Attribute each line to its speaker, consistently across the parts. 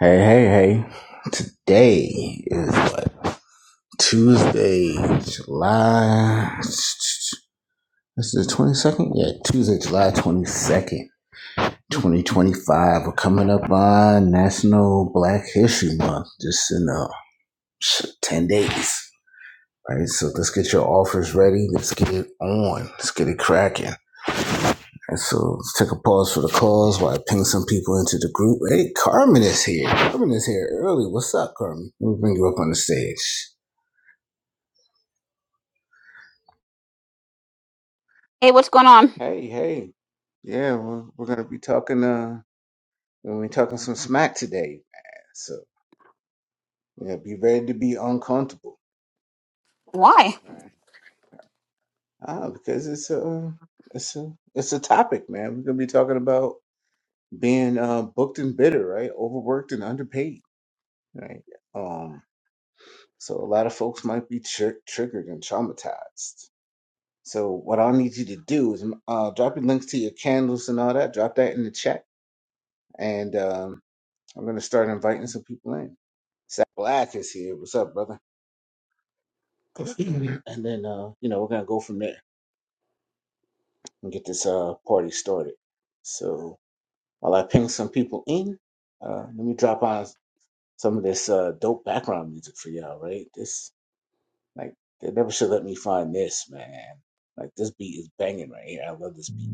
Speaker 1: Hey, hey, hey. Today is Tuesday, July. This is the 22nd? Yeah, Tuesday, July 22nd, 2025. We're coming up on National Black History Month, just in uh, 10 days. Right, so let's get your offers ready. Let's get it on. Let's get it cracking. And so let's take a pause for the cause while I ping some people into the group. Hey, Carmen is here. Carmen is here early. What's up, Carmen? Let me bring you up on the stage.
Speaker 2: Hey, what's going on?
Speaker 1: Hey, hey. Yeah, we're, we're gonna be talking uh we're gonna be talking some smack today, man. So yeah, be ready to be uncomfortable.
Speaker 2: Why?
Speaker 1: Right. Ah, because it's a it's a it's a topic, man. We're gonna be talking about being uh booked and bitter, right? Overworked and underpaid, right? Um, so a lot of folks might be tr- triggered and traumatized. So what I'll need you to do is uh drop your links to your candles and all that. Drop that in the chat, and um I'm gonna start inviting some people in. Sal Black is here. What's up, brother? and then uh, you know, we're gonna go from there and get this uh party started. So while I ping some people in, uh let me drop on some of this uh dope background music for y'all, right? This like they never should let me find this, man. Like this beat is banging right here. I love this beat.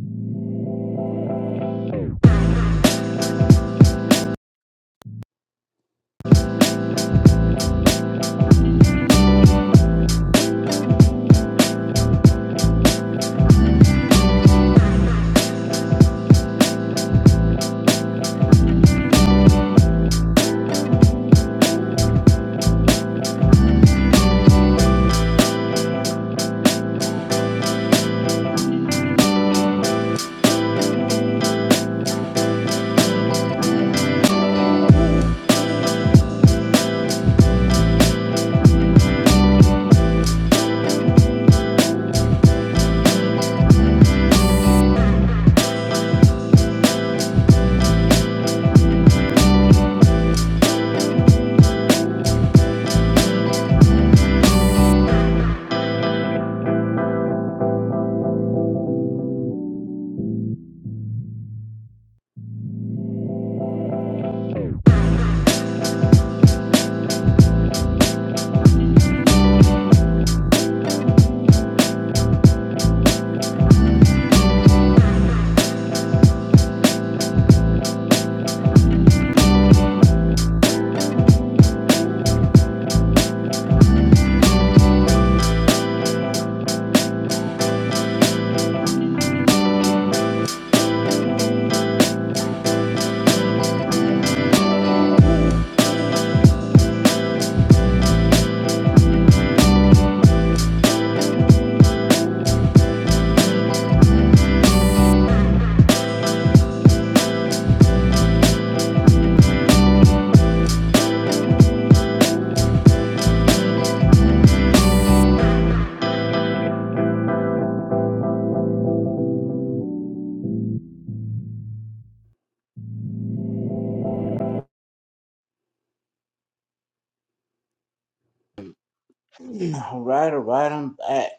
Speaker 1: All right, all right, I'm back.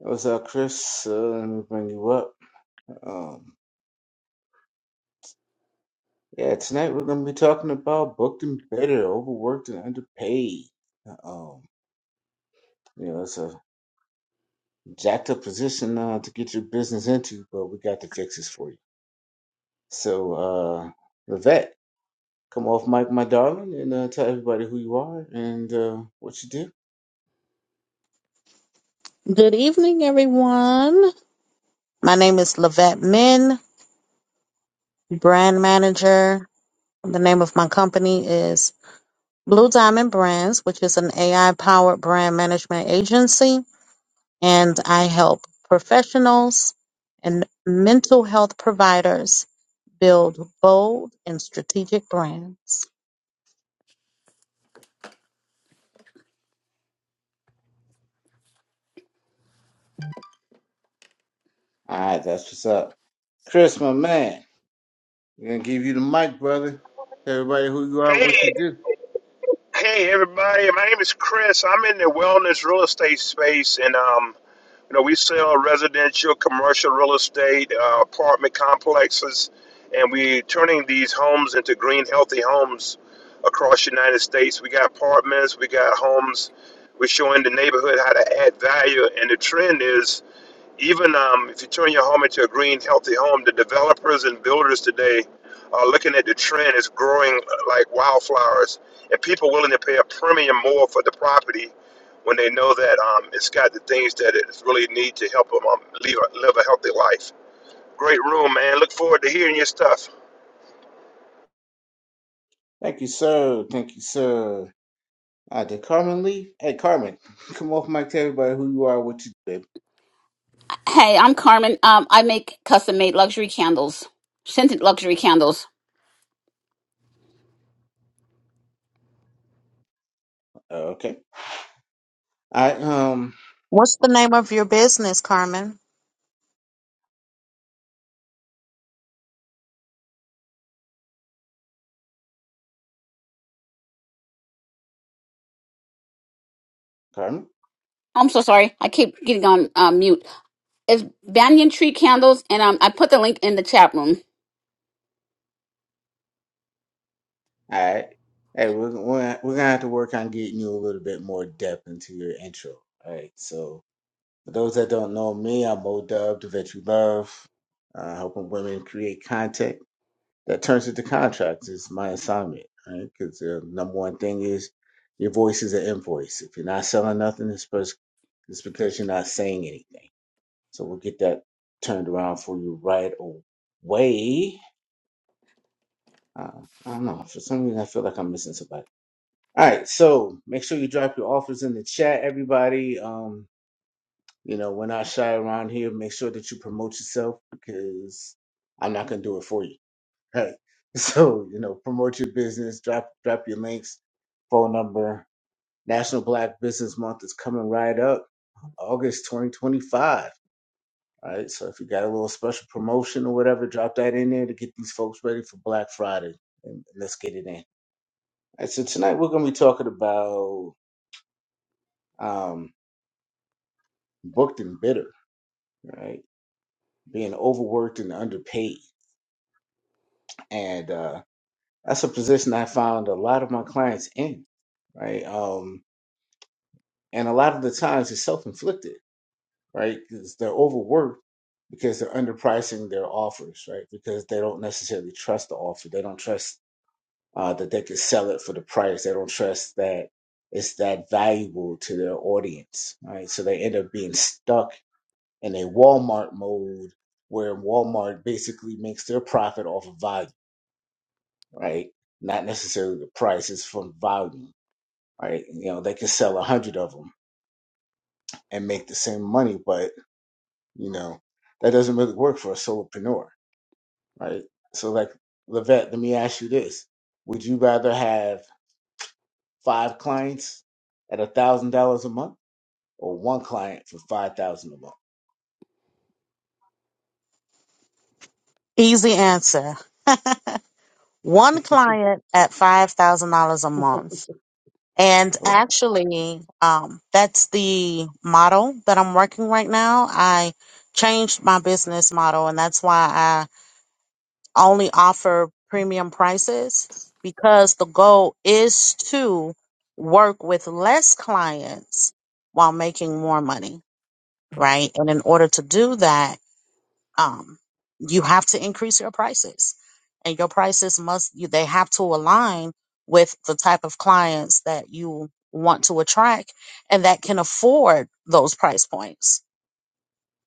Speaker 1: What's up, Chris? Uh, let me bring you up. Um Yeah, tonight we're gonna be talking about booked and better, overworked and underpaid. Um, you know, it's a jacked up position uh, to get your business into, but we got the fixes for you. So, uh, Levette, come off mic, my darling, and uh, tell everybody who you are and uh, what you do.
Speaker 3: Good evening, everyone. My name is Lavette Min, brand manager. The name of my company is Blue Diamond Brands, which is an AI powered brand management agency. And I help professionals and mental health providers build bold and strategic brands.
Speaker 1: All right, that's what's up. Chris, my man, we're gonna give you the mic, brother. Tell everybody who you are, what you
Speaker 4: Hey,
Speaker 1: do.
Speaker 4: hey, everybody. My name is Chris. I'm in the wellness real estate space, and um, you know, we sell residential, commercial real estate, uh, apartment complexes, and we're turning these homes into green, healthy homes across the United States. We got apartments, we got homes. We're showing the neighborhood how to add value, and the trend is even um, if you turn your home into a green, healthy home, the developers and builders today are looking at the trend is growing uh, like wildflowers, and people willing to pay a premium more for the property when they know that um, it's got the things that it really need to help them um, live, a, live a healthy life. Great room, man. Look forward to hearing your stuff.
Speaker 1: Thank you, sir. Thank you, sir. Uh, did Carmen leave? Hey, Carmen, come off mic, tell everybody who you are, what you do.
Speaker 2: Hey, I'm Carmen. Um, I make custom made luxury candles, scented luxury candles.
Speaker 1: Okay. All right. Um,
Speaker 3: What's the name of your business, Carmen?
Speaker 1: Carmen.
Speaker 2: I'm so sorry. I keep getting on uh, mute. It's banyan tree candles, and um, I put the link in the chat room.
Speaker 1: All right. Hey, we're we're we're gonna have to work on getting you a little bit more depth into your intro. All right. So for those that don't know me, I'm Mo Dub, the vet you love, uh, helping women create content that turns into contracts. Is my assignment. Right? Because the number one thing is your voice is an invoice. If you're not selling nothing, it's because it's because you're not saying anything. So we'll get that turned around for you right away. Uh, I don't know. For some reason, I feel like I'm missing somebody. All right, so make sure you drop your offers in the chat, everybody. Um, you know, we're not shy around here. Make sure that you promote yourself because I'm not gonna do it for you. Right. So you know, promote your business. Drop drop your links, phone number. National Black Business Month is coming right up, August 2025. All right, so if you got a little special promotion or whatever, drop that in there to get these folks ready for Black Friday, and let's get it in. All right, so tonight we're going to be talking about um, booked and bitter, right? Being overworked and underpaid, and uh, that's a position I found a lot of my clients in, right? Um, and a lot of the times it's self-inflicted, right? Because they're overworked because they're underpricing their offers, right? Because they don't necessarily trust the offer, they don't trust uh, that they could sell it for the price, they don't trust that it's that valuable to their audience, right? So they end up being stuck in a Walmart mode where Walmart basically makes their profit off of volume, right? Not necessarily the price, it's from volume, right? You know, they can sell a hundred of them and make the same money, but you know, that doesn't really work for a solopreneur, right? So like Levette, let me ask you this. Would you rather have five clients at a thousand dollars a month or one client for five thousand a
Speaker 3: Easy answer. One
Speaker 1: month?
Speaker 3: client at $5,000 a month. And
Speaker 1: Right.
Speaker 3: actually, um, that's the model that I'm working right now. I changed my business model, and that's why I only offer premium prices because the goal is to work with less clients while making more money, right? And in order to do that, um, you have to increase your prices and your prices must you, they have to align with the type of clients that you want to attract and that can afford those price points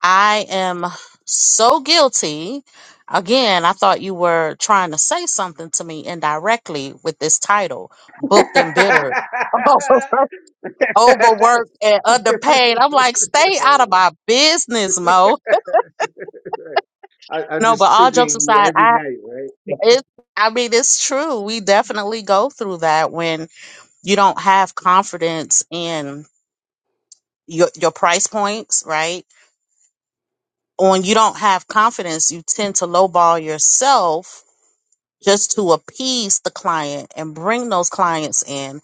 Speaker 3: i am so guilty again i thought you were trying to say something to me indirectly with this title booked and bitter
Speaker 1: right.
Speaker 3: overworked and underpaid i'm like stay out
Speaker 1: right.
Speaker 3: of my business mo
Speaker 1: I, I'm
Speaker 3: no
Speaker 1: just
Speaker 3: but all jokes
Speaker 1: triggering you
Speaker 3: aside
Speaker 1: every night, right?
Speaker 3: It, I mean, it's true. We definitely go through that when you don't have confidence in your your price points, right? When you don't have confidence, you tend to lowball yourself just to appease the client and bring those clients in.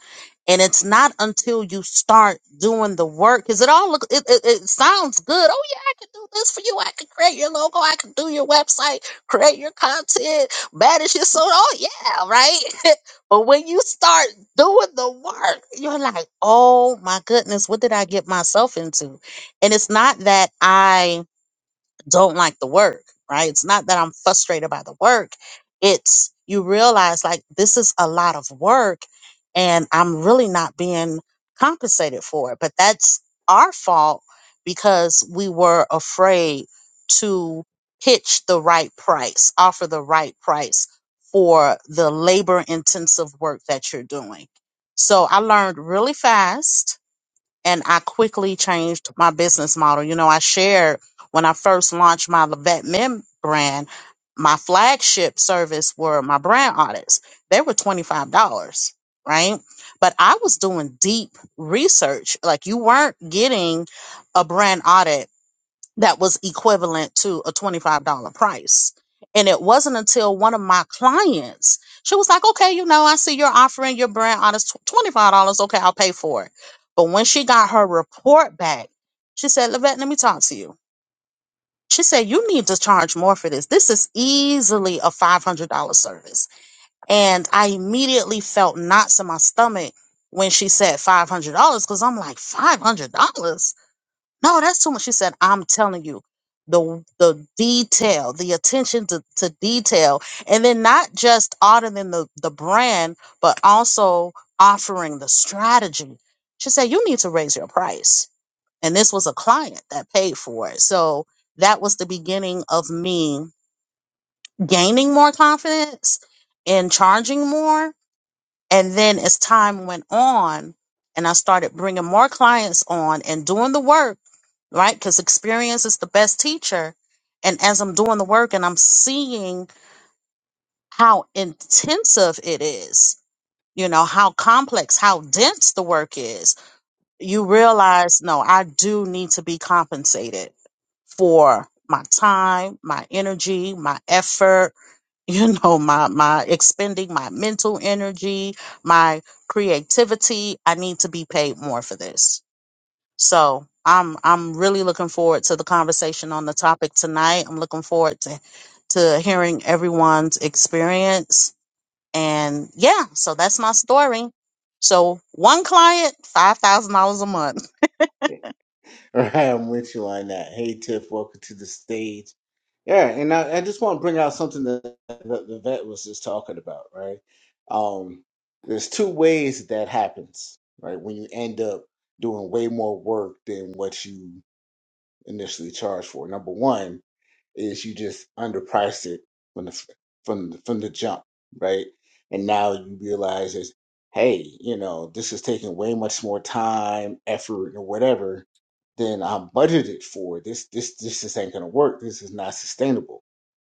Speaker 3: And it's not until you start doing the work, because it all look it, it, it sounds good. Oh yeah, I can do this for you. I can create your logo. I can do your website, create your content, manage your so. Oh yeah, right. but when you start doing the work, you're like, oh my goodness, what did I get myself into? And it's not that I don't like the work, right? It's not that I'm frustrated by the work. It's you realize like this is a lot of work and I'm really not being compensated for it. But that's our fault because we were afraid to pitch the right price, offer the right price for the labor intensive work that you're doing. So I learned really fast and I quickly changed my business model. You know, I shared when I first launched my Levette Mem brand, my flagship service were my brand audits. They were $25, right? But I was doing deep research. Like you weren't getting a brand audit that was equivalent to a $25 price. And it wasn't until one of my clients, she was like, okay, you know, I see you're offering your brand honest $25. Okay, I'll pay for it. But when she got her report back, she said, Levette, let me talk to you. She said, you need to charge more for this. This is easily a $500 service. And I immediately felt knots in my stomach when she said $500 because I'm like, $500? No, that's too much. She said, I'm telling you, the the detail, the attention to, to detail, and then not just auditing the, the brand, but also offering the strategy. She said, You need to raise your price. And this was a client that paid for it. So that was the beginning of me gaining more confidence and charging more and then as time went on, and I started bringing more clients on and doing the work, right? Because experience is the best teacher. And as I'm doing the work and I'm seeing how intensive it is, you know, how complex, how dense the work is, you realize, no, I do need to be compensated for my time, my energy, my effort you know my my expending my mental energy my creativity i need to be paid more for this so i'm i'm really looking forward to the conversation on the topic tonight i'm looking forward to to hearing everyone's experience and yeah so that's my story so one client $5000 a month
Speaker 1: Right, I'm with you on that. Hey, Tiff, welcome to the stage. Yeah, and I, I just want to bring out something that, that the vet was just talking about, right? Um, there's two ways that happens, right? When you end up doing way more work than what you initially charged for. Number one, is you just underpriced it from the from the, from the jump, right? And now you realize is, hey, you know, this is taking way much more time, effort, or whatever than I'm budgeted for. This this this just ain't gonna work. This is not sustainable.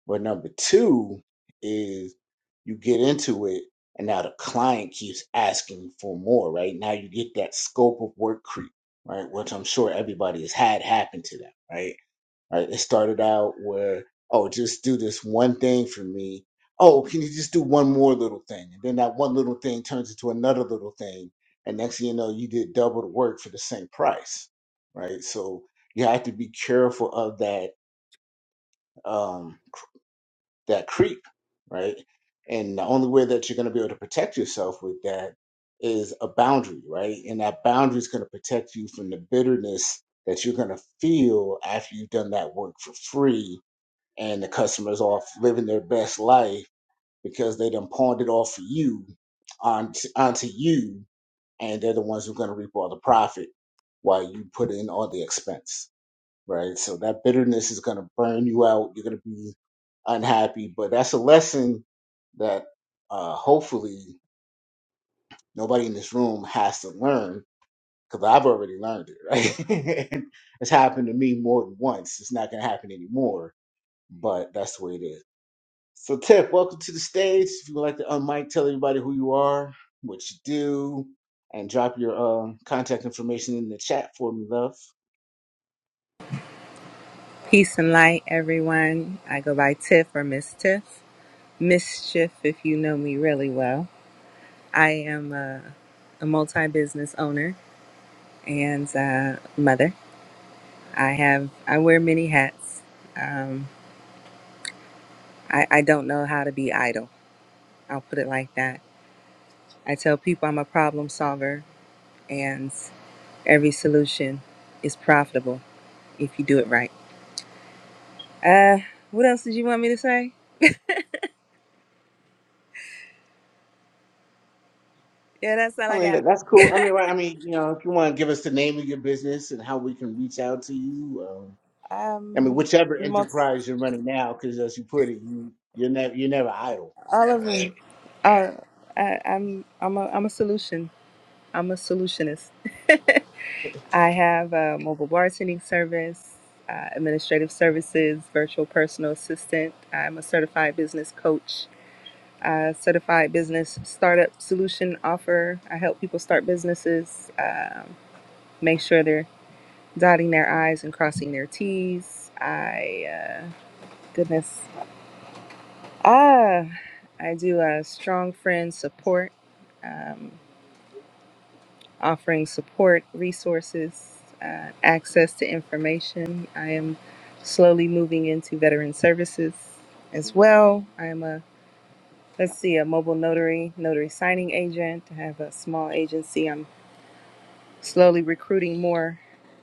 Speaker 1: But number two is you get into it, and now the client keeps asking for more, right? Now you get that scope of work creep, right? Which I'm sure everybody has had happen to them, right? Right? It started out where, oh, just do this one thing for me. Oh, can you just do one more little thing? And then that one little thing turns into another little thing. And next thing you know, you did double the work for the same price. Right. So you have to be careful of that um that creep, right? And the only way that you're gonna be able to protect yourself with that is a boundary, right? And that boundary is gonna protect you from the bitterness that you're gonna feel after you've done that work for free and the customers off living their best life because they done pawned it off for you onto, onto you and they're the ones who are going to reap all the profit while you put in all the expense right so that bitterness is going to burn you out you're going to be unhappy but that's a lesson that uh, hopefully nobody in this room has to learn because i've already learned it right it's happened to me more than once it's not going to happen anymore but that's the way it is So, Tiff, welcome to the stage. If you'd like to unmic, tell everybody who you are, what you do, and drop your uh, contact information in the chat for me, love.
Speaker 5: Peace and light, everyone. I go by Tiff or Miss Tiff. Mischief, if you know me really well. I am a, a multi business owner and uh, mother. I have I wear many hats. Um, I, I don't know how to be idle. I'll put it like that. I tell people I'm a problem solver, and every solution is profitable if you do it right. Uh, what else did you want me to say? Yeah, that's all
Speaker 1: I
Speaker 5: I
Speaker 1: mean,
Speaker 5: got.
Speaker 1: that, that's cool. I mean, right, I mean, you know, if you want to give us the name of your business and how we can reach out to you, um, I mean,
Speaker 5: Um,
Speaker 1: whichever
Speaker 5: multi.
Speaker 1: enterprise you're running now, because as you put it, you you're never you're never idle,
Speaker 5: All of
Speaker 1: right?
Speaker 5: them are. I, I'm I'm a I'm a solution. I'm a solutionist. I have a mobile bartending service, uh, administrative services, virtual personal assistant. I'm a certified business coach, uh, certified business startup solution offer. I help people start businesses, um, make sure they're dotting their I's and crossing their T's. I uh, goodness, ah, I do a strong friend support. Um, offering support, resources, uh, access to information. I am slowly moving into veteran services as well. I am a let's see a mobile notary, notary signing agent. I have a small agency. I'm slowly recruiting more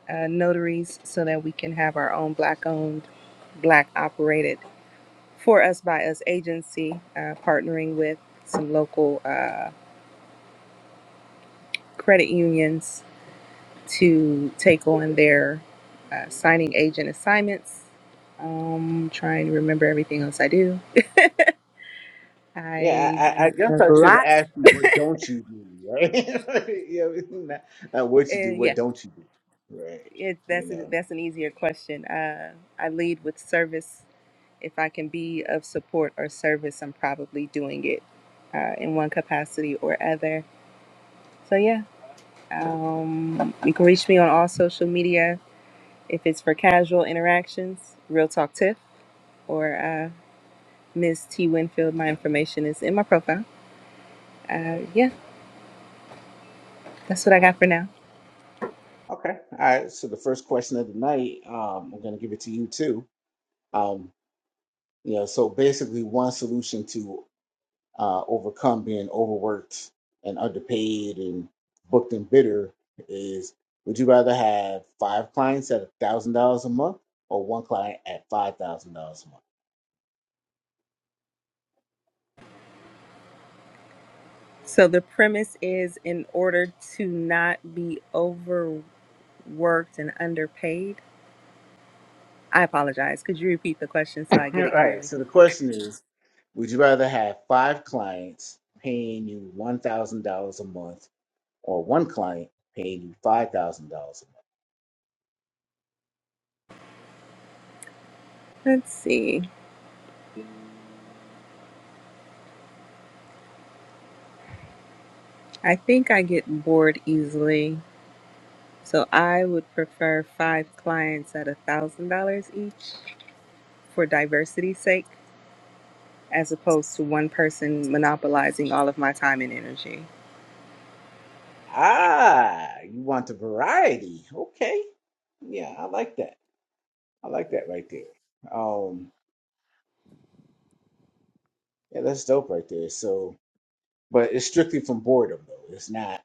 Speaker 5: uh, notaries so that we can have our own black-owned, black-operated, for us by us agency, uh, partnering with some local uh, credit unions to take on their uh, signing agent assignments. Um, trying to remember everything else I do.
Speaker 1: Yeah,
Speaker 5: I
Speaker 1: I, I I
Speaker 5: do
Speaker 1: guess I
Speaker 5: a
Speaker 1: should have
Speaker 5: lot.
Speaker 1: asked you what don't you do, right? you know, not, not what you
Speaker 5: Uh,
Speaker 1: do, what
Speaker 5: yeah,
Speaker 1: don't you do, right?
Speaker 5: it,
Speaker 1: You
Speaker 5: that's a,
Speaker 1: know.
Speaker 5: that's an easier question. Uh, I lead with service. If I can be of support or service, I'm probably doing it uh, in one capacity or other. So yeah, um, you can reach me on all social media. If it's for casual interactions, Real Talk Tiff, or uh, Ms. T. Winfield. My information is in my profile. Uh, yeah, that's what I got for now.
Speaker 1: Okay. All right. So the first question of the night, um, I'm going to give it to you too. Um, you know, so basically, one solution to uh, overcome being overworked and underpaid and booked and bitter is: Would you rather have five clients at a thousand dollars a month or one client at five thousand dollars a month?
Speaker 5: So the premise is in order to not be overworked and underpaid. I apologize. Could you repeat the question so I get
Speaker 1: All
Speaker 5: it
Speaker 1: right.
Speaker 5: clearly?
Speaker 1: So the question is: Would you rather have five clients paying you one thousand dollars a month or one client paying you five thousand dollars a month?
Speaker 5: Let's see. I think I get bored easily. So I would prefer five clients at a thousand dollars each for diversity's sake, as opposed to one person monopolizing all of my time and energy.
Speaker 1: Ah, you want the variety. Okay. Yeah, I like that. I like that right there. Um, yeah, that's dope right there. So, but it's strictly from boredom though. It's not.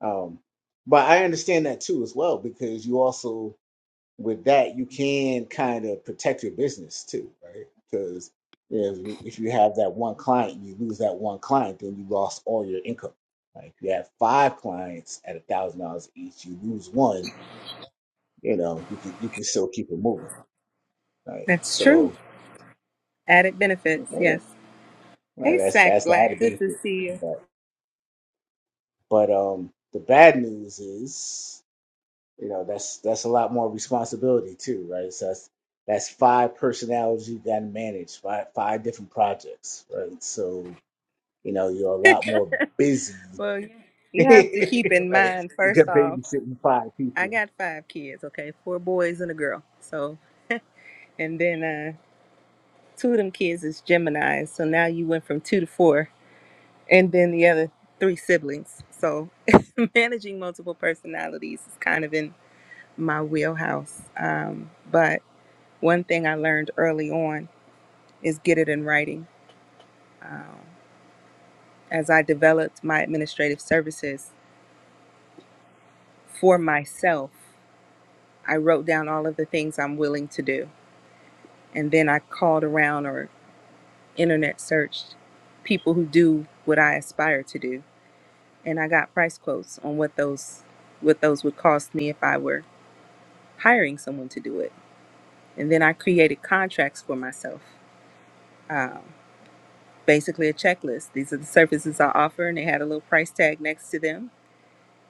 Speaker 1: Um, but I understand that too as well because you also with that you can kind of protect your business too, right? Because if if you have that one client and you lose that one client, then you lost all your income. Like if you have five clients at a thousand dollars each, you lose one you know, you can you can still keep it moving, right?
Speaker 5: That's true.
Speaker 1: So,
Speaker 5: Added
Speaker 1: yeah,
Speaker 5: benefits, yes.
Speaker 1: right,
Speaker 5: Hey,
Speaker 1: that's
Speaker 5: Sack
Speaker 1: that's the
Speaker 5: Black,
Speaker 1: added
Speaker 5: good to
Speaker 1: benefit.
Speaker 5: see you.
Speaker 1: But but um, the bad news is, you know, that's that's a lot more responsibility too, right? So that's that's five personalities you got to manage, five five different projects, right? So you know, you're a lot more busy,
Speaker 5: Well,
Speaker 1: right?
Speaker 5: you have to keep in mind,
Speaker 1: You got
Speaker 5: first off,
Speaker 1: babysitting five
Speaker 5: I
Speaker 1: people.
Speaker 5: got five kids, okay? Four boys and a girl. So, and then uh, two of them kids is Gemini. So now you went from two to four, and then the other three siblings. So managing multiple personalities is kind of in my wheelhouse. Um, but one thing I learned early on is get it in writing. Um, as I developed my administrative services for myself, I wrote down all of the things I'm willing to do. And then I called around or internet searched people who do what I aspire to do. And I got price quotes on what those what those would cost me if I were hiring someone to do it. And then I created contracts for myself. Um, basically a checklist. These are the services I offer and they had a little price tag next to them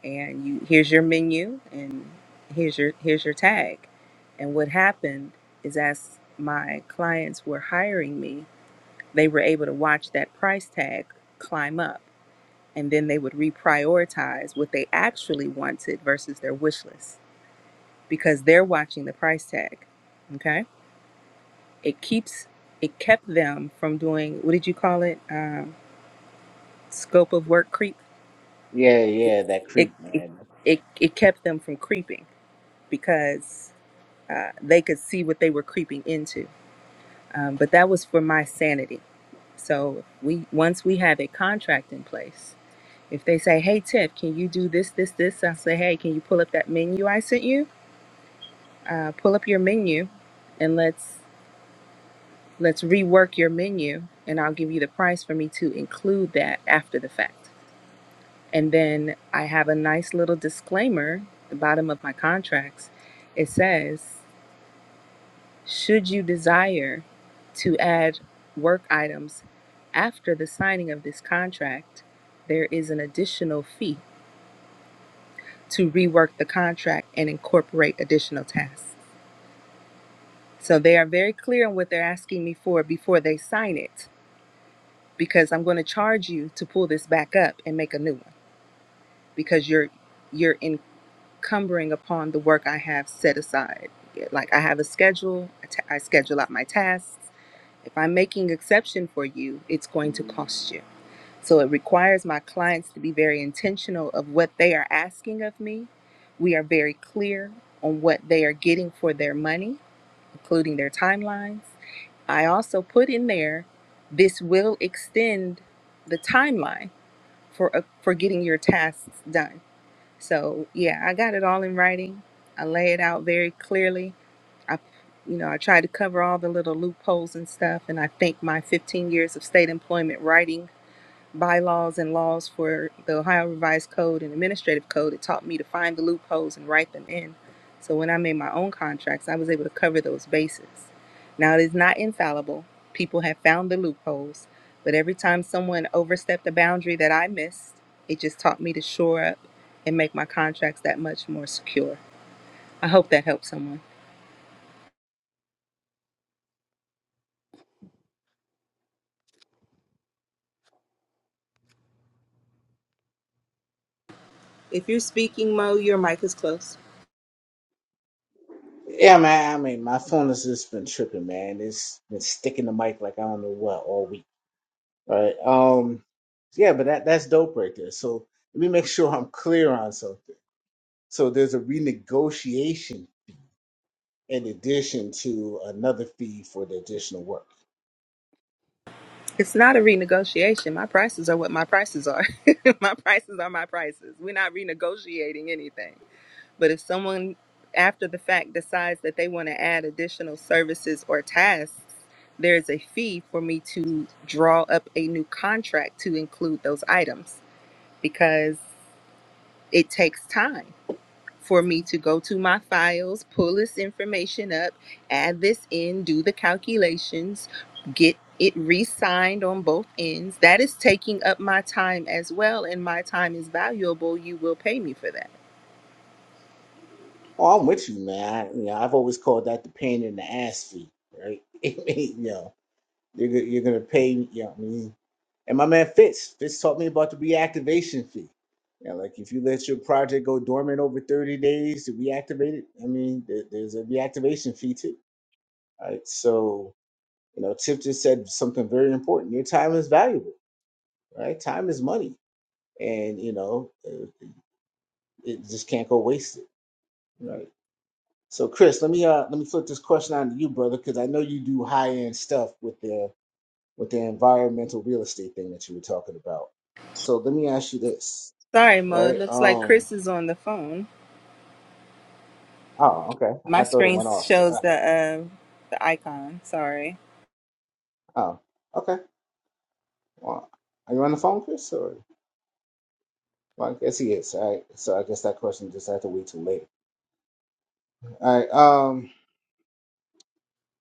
Speaker 5: and you here's your menu and here's your here's your tag and what happened is as my clients were hiring me they were able to watch that price tag climb up and then they would reprioritize what they actually wanted versus their wish list because they're watching the price tag okay it keeps it kept them from doing what did you call it um, scope of work creep
Speaker 1: Yeah, yeah,
Speaker 5: it,
Speaker 1: that creep,
Speaker 5: it
Speaker 1: man.
Speaker 5: it it kept them from creeping because uh, they could see what they were creeping into. Um, but that was for my sanity. So we once we have a contract in place, if they say, "Hey Tiff, can you do this, this, this?" I say, "Hey, can you pull up that menu I sent you? Uh, pull up your menu, and let's let's rework your menu, and I'll give you the price for me to include that after the fact." And then I have a nice little disclaimer at the bottom of my contracts. It says. Should you desire to add work items after the signing of this contract, there is an additional fee to rework the contract and incorporate additional tasks. So they are very clear on what they're asking me for before they sign it because I'm going to charge you to pull this back up and make a new one because you're you're encumbering upon the work I have set aside. Like I have a schedule, I ta- I schedule out my tasks If I'm making exception for you, it's going to cost you. So it requires my clients to be very intentional of what they are asking of me. We are very clear on what they are getting for their money, including their timelines. I also put in there this will extend the timeline for uh, for getting your tasks done. So, yeah, I got it all in writing. I lay it out very clearly I, you know, I tried to cover all the little loopholes and stuff, and I think my 15 years of state employment writing bylaws and laws for the Ohio Revised Code and Administrative Code, it taught me to find the loopholes and write them in. So when I made my own contracts, I was able to cover those bases. Now, it is not infallible. People have found the loopholes, but every time someone overstepped a boundary that I missed, it just taught me to shore up and make my contracts that much more secure. I hope that helps someone. If you're speaking, Mo, your mic is closed.
Speaker 1: Yeah, man. I mean, my phone has just been tripping, man. It's been sticking the mic like I don't know what all week. All Right. Um. Yeah, but that that's dope right there. So let me make sure I'm clear on something. So there's a renegotiation in addition to another fee for the additional work.
Speaker 5: It's not a renegotiation. My prices are what my prices are. my prices are my prices. We're not renegotiating anything. But if someone after the fact decides that they want to add additional services or tasks, there's a fee for me to draw up a new contract to include those items because it takes time. for me to go to my files, pull this information up, add this in, do the calculations, get it re signed on both ends. That is taking up my time as well, and my time is valuable. You will pay me for that.
Speaker 1: Oh, I'm with you, man. I, you know, I've always called that the pain in the ass fee, right? I mean, you know, you're go- you're gonna pay. You know, what I mean, And my man Fitz, Fitz taught me about the reactivation fee. Yeah, like if you let your project go dormant over 30 days to reactivate it, I mean, there, there's a reactivation fee too. Right. So, you know, Tip just said something very important. Your time is valuable, right? Time is money. And, you know, uh, it just can't go wasted. Right. So, Chris, let me uh let me flip this question on to you, brother, because I know you do high end stuff with the with the environmental real estate thing that you were talking about. So let me ask you this
Speaker 5: Sorry, Mo. It
Speaker 1: right?
Speaker 5: looks like
Speaker 1: Um.
Speaker 5: Chris is on the phone.
Speaker 1: Oh, okay.
Speaker 5: My
Speaker 1: I thought it
Speaker 5: screen
Speaker 1: went off.
Speaker 5: shows the
Speaker 1: All
Speaker 5: uh, the icon. Sorry.
Speaker 1: right. Oh, okay. Well, are you on the phone, Chris? Or well, I guess he is. All right. So I guess that question just had to wait till later. All right. Um.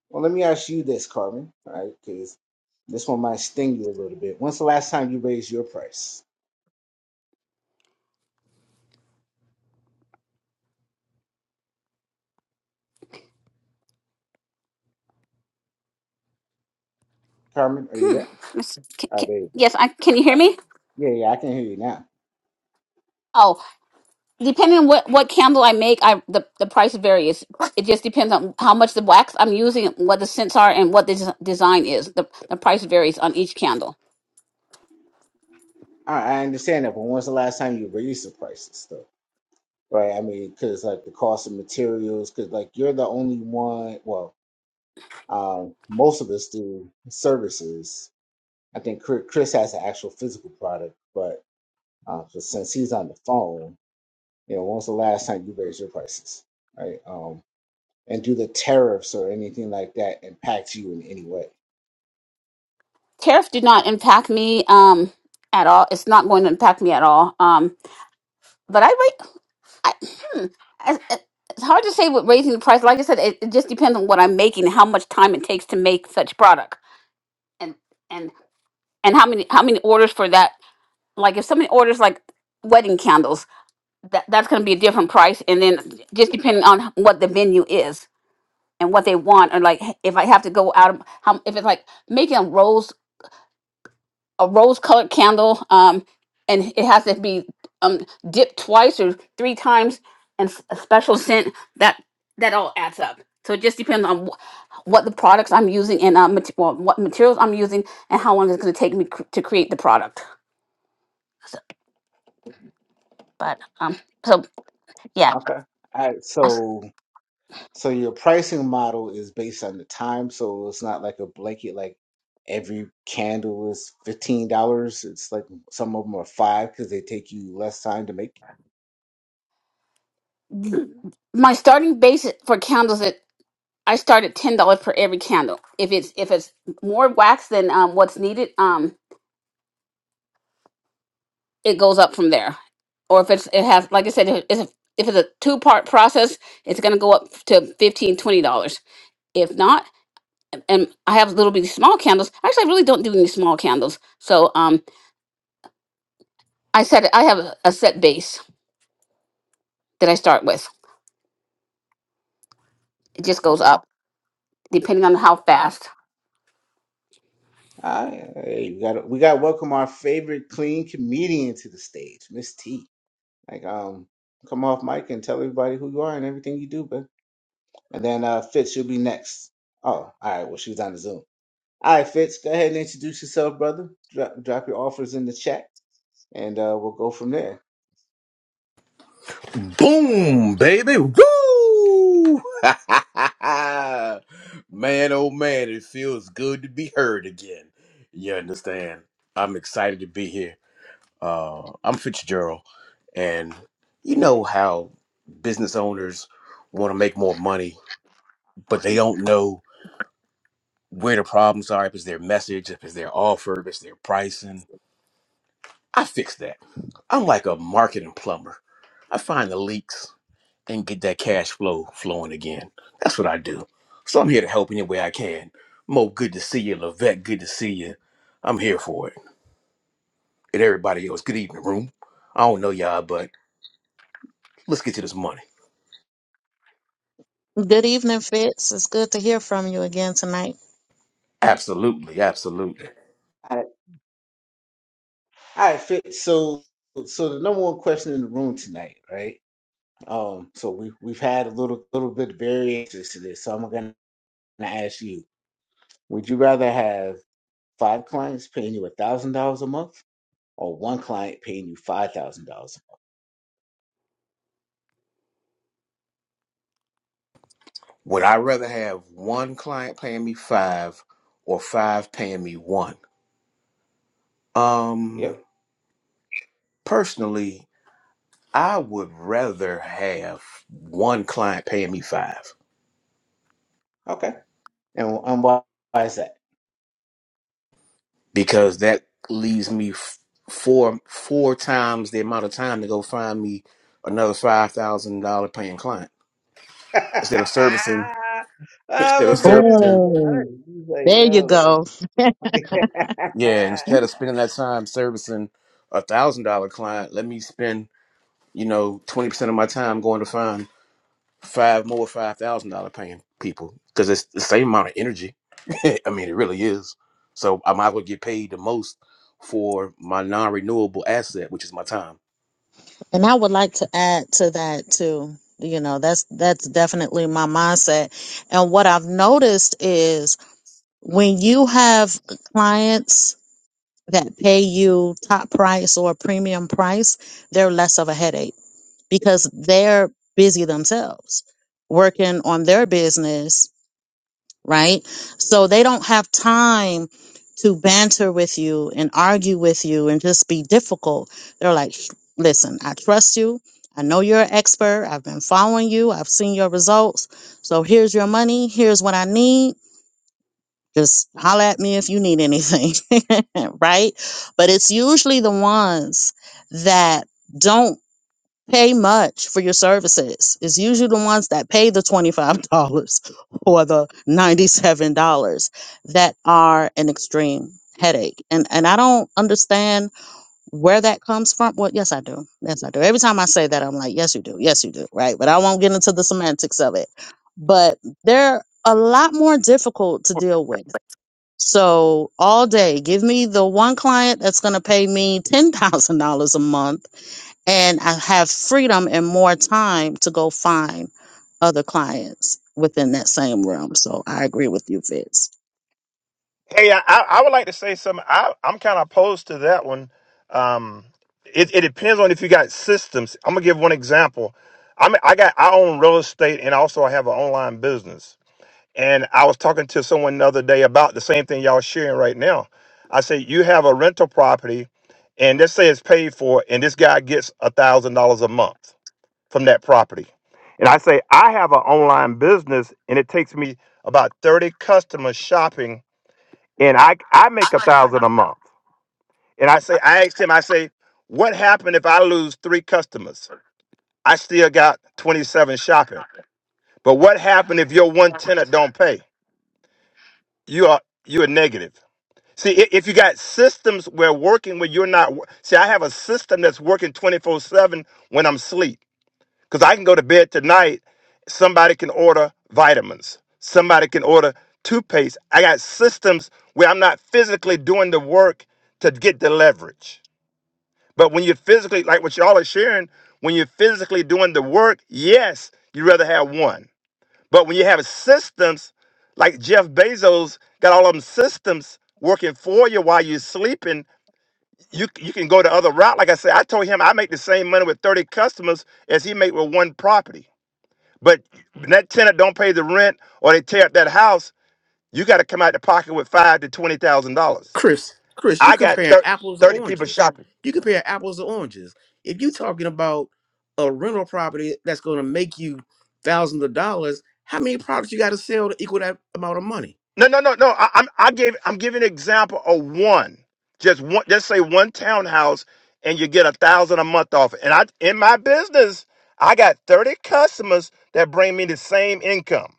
Speaker 1: Well, let me ask you this, Carmen. All right, because this one might sting you a little bit. When's the last time you raised your price, Carmen? Are you there?
Speaker 2: Miss- ca-
Speaker 1: All right,
Speaker 2: ca-
Speaker 1: there you go.
Speaker 2: yes, I can you hear me?
Speaker 1: Yeah, yeah, I can hear you now.
Speaker 2: Oh, depending on what, what candle I make, I the, the price varies. It just depends on how much the wax I'm using, what the scents are, and what the des- design is. The, the price varies on each candle.
Speaker 1: All right, I understand that, but when's the last time you raised the prices, though? Right? I mean, because like the cost of materials, because like you're the only one. Well. Um, most of us do services. I think Chri- Chris has an actual physical product, but uh, but since he's on the phone, you know, when was the last time you raised your prices, right? Um, and do the tariffs or anything like that impact you in any way?
Speaker 2: tariff did not impact me um at all it's not going to impact me at all um but i rate I, hmm, I- I- it's hard to say with raising the price like i said it, it just depends on what i'm making and how much time it takes to make such product and and and how many how many orders for that like if somebody orders like wedding candles that that's going to be a different price and then just depending on what the venue is and what they want or like if i have to go out of how if it's like making rolls a rose colored candle um and it has to be um dipped twice or three times and s- a special scent that that all adds up so it just depends on wh- what the products i'm using and uh, mate- well, what materials i'm using and how long it's going to take me cr- to create the product so, but um so yeah
Speaker 1: Okay. All right.
Speaker 2: I s-
Speaker 1: So, so your pricing model is based on the time, so it's not like a blanket, like every candle is fifteen dollars. It's like some of them are five because they take you less time to make.
Speaker 2: my starting base for candles that i start at ten dollars for every candle if it's if it's more wax than um, what's needed um, it goes up from there. Or if it's it has like I said, if it's a, if it's a two part process, it's gonna go up to fifteen twenty dollars. If not, and I have little bitty small candles. Actually, I really don't do any small candles. So um, I set I have a set base that I start with. It just goes
Speaker 1: Okay.
Speaker 2: up depending on how fast.
Speaker 1: Ah, hey, we got we got to welcome our favorite clean comedian to the stage, Miss T. Like, um, come off mic and tell everybody who you are and everything you do, but and then uh, Fitz, you'll be next. Oh, all right. Well, she was on the Zoom. All right, Fitz, go ahead and introduce yourself, brother. Drop drop your offers in the chat, and uh, we'll go from there.
Speaker 6: Boom, baby. Woo! man, oh man, it feels good to be heard again. You understand? I'm excited to be here. Uh, I'm Fitzgerald, and you know how business owners want to make more money, but they don't know where the problems are, if it's their message, if it's their offer, if it's their pricing. I fix that. I'm like a marketing plumber. I find the leaks and get that cash flow flowing again. That's what I do. So I'm here to help any way I can. Mo, good to see you. Levette, good to see you. I'm here for it. And everybody else, good evening, room. I don't know y'all, but let's get to this money.
Speaker 3: good evening fitz it's good to hear from you again tonight
Speaker 6: Absolutely, absolutely.
Speaker 1: All right, all right, Fitz. So, so the number one question in the room tonight, right? Um, so we we've had a little little bit of variations to this, so I'm gonna ask you: Would you rather have Five clients paying you a thousand dollars a month, or one client paying you five thousand dollars. a month?
Speaker 6: Would I rather have one client paying me five or five paying me one? Um,
Speaker 1: Yep.
Speaker 6: personally, I would rather have one client paying me five.
Speaker 1: Okay. And, and why, why is that?
Speaker 6: because that leaves me f- four four times the amount of time to go find me another five thousand dollar paying client instead of servicing instead
Speaker 1: oh, my
Speaker 6: of
Speaker 1: man is not
Speaker 6: servicing
Speaker 1: that hurt. He's like, yo.
Speaker 6: yeah instead of spending that time servicing a thousand dollar client let me spend you know twenty percent of my time going to find five more five thousand dollar paying people because it's the same amount of energy I mean it really is so I might as well get paid the most for my non renewable asset which is my time.
Speaker 3: And I would like to add to that too. You know, that's that's definitely my mindset. And what I've noticed is when you have clients that pay you top price or premium price, they're less of a headache because they're busy themselves working on their business right? So they don't have time to banter with you and argue with you and just be difficult. They're like, "Sh- listen, I trust you. I know you're an expert. I've been following you. I've seen your results. So here's your money. Here's what I need. Just holler at me if you need anything, right? But it's usually the ones that don't pay much for your services. It's usually the ones that pay the $25 or the $97 that are an extreme headache. And and I don't understand where that comes from. Well, yes I do. Yes I do. Every time I say that I'm like, yes you do. Yes you do, right? But I won't get into the semantics of it. But they're a lot more difficult to deal with. So all day, give me the one client that's going to pay me $10,000 a month and I have freedom and more time to go find other clients within that same realm. So I agree with you, Fitz.
Speaker 4: Hey, I, I I would like to say something. I, I'm kind of opposed to that one. Um, it, it depends on if you got systems. I'm gonna give one example. I'm I got I own real estate and also I have an online business. And I was talking to someone the other day about the same thing y'all sharing right now. I say you have a rental property, and let's say it's paid for, and this guy gets a thousand dollars a month from that property. And I say I have an online business, and it takes me about thirty customers shopping and I I make a thousand a month. And I say, I asked him, I say, what happened if I lose three customers? I still got 27 shopping. But what happened if your one tenant don't pay? You are you are negative. See, i- if you got systems where working when you're not, wo- see, I have a system that's working 24 seven when I'm asleep. Because I can go to bed tonight, somebody can order vitamins, somebody can order toothpaste. I got systems where I'm not physically doing the work to get the leverage. But when you're physically, like what y'all are sharing, when you're physically doing the work, yes, you'd rather have one. But when you have systems, like Jeff Bezos got all of them systems working for you while you're sleeping, you you can go the other route. Like I said, I told him I make the same money with 30 customers as he make with one property. But when that tenant don't pay the rent or they tear up that house, you got to come out the pocket with five to twenty thousand dollars.
Speaker 6: Chris, Chris, you
Speaker 4: I got
Speaker 6: comparing
Speaker 4: thir-
Speaker 6: apples to
Speaker 4: thirty people
Speaker 6: oranges.
Speaker 4: shopping.
Speaker 6: You compare apples to oranges. If you're talking about a rental property that's going to make you thousands of dollars, how many products you got to sell to equal that amount of money?
Speaker 4: No, no, no, no. I, I'm I gave I'm giving an example of one, just one. Just say one townhouse, and you get a thousand a month off it. And I in my business, I got thirty customers that bring me the same income.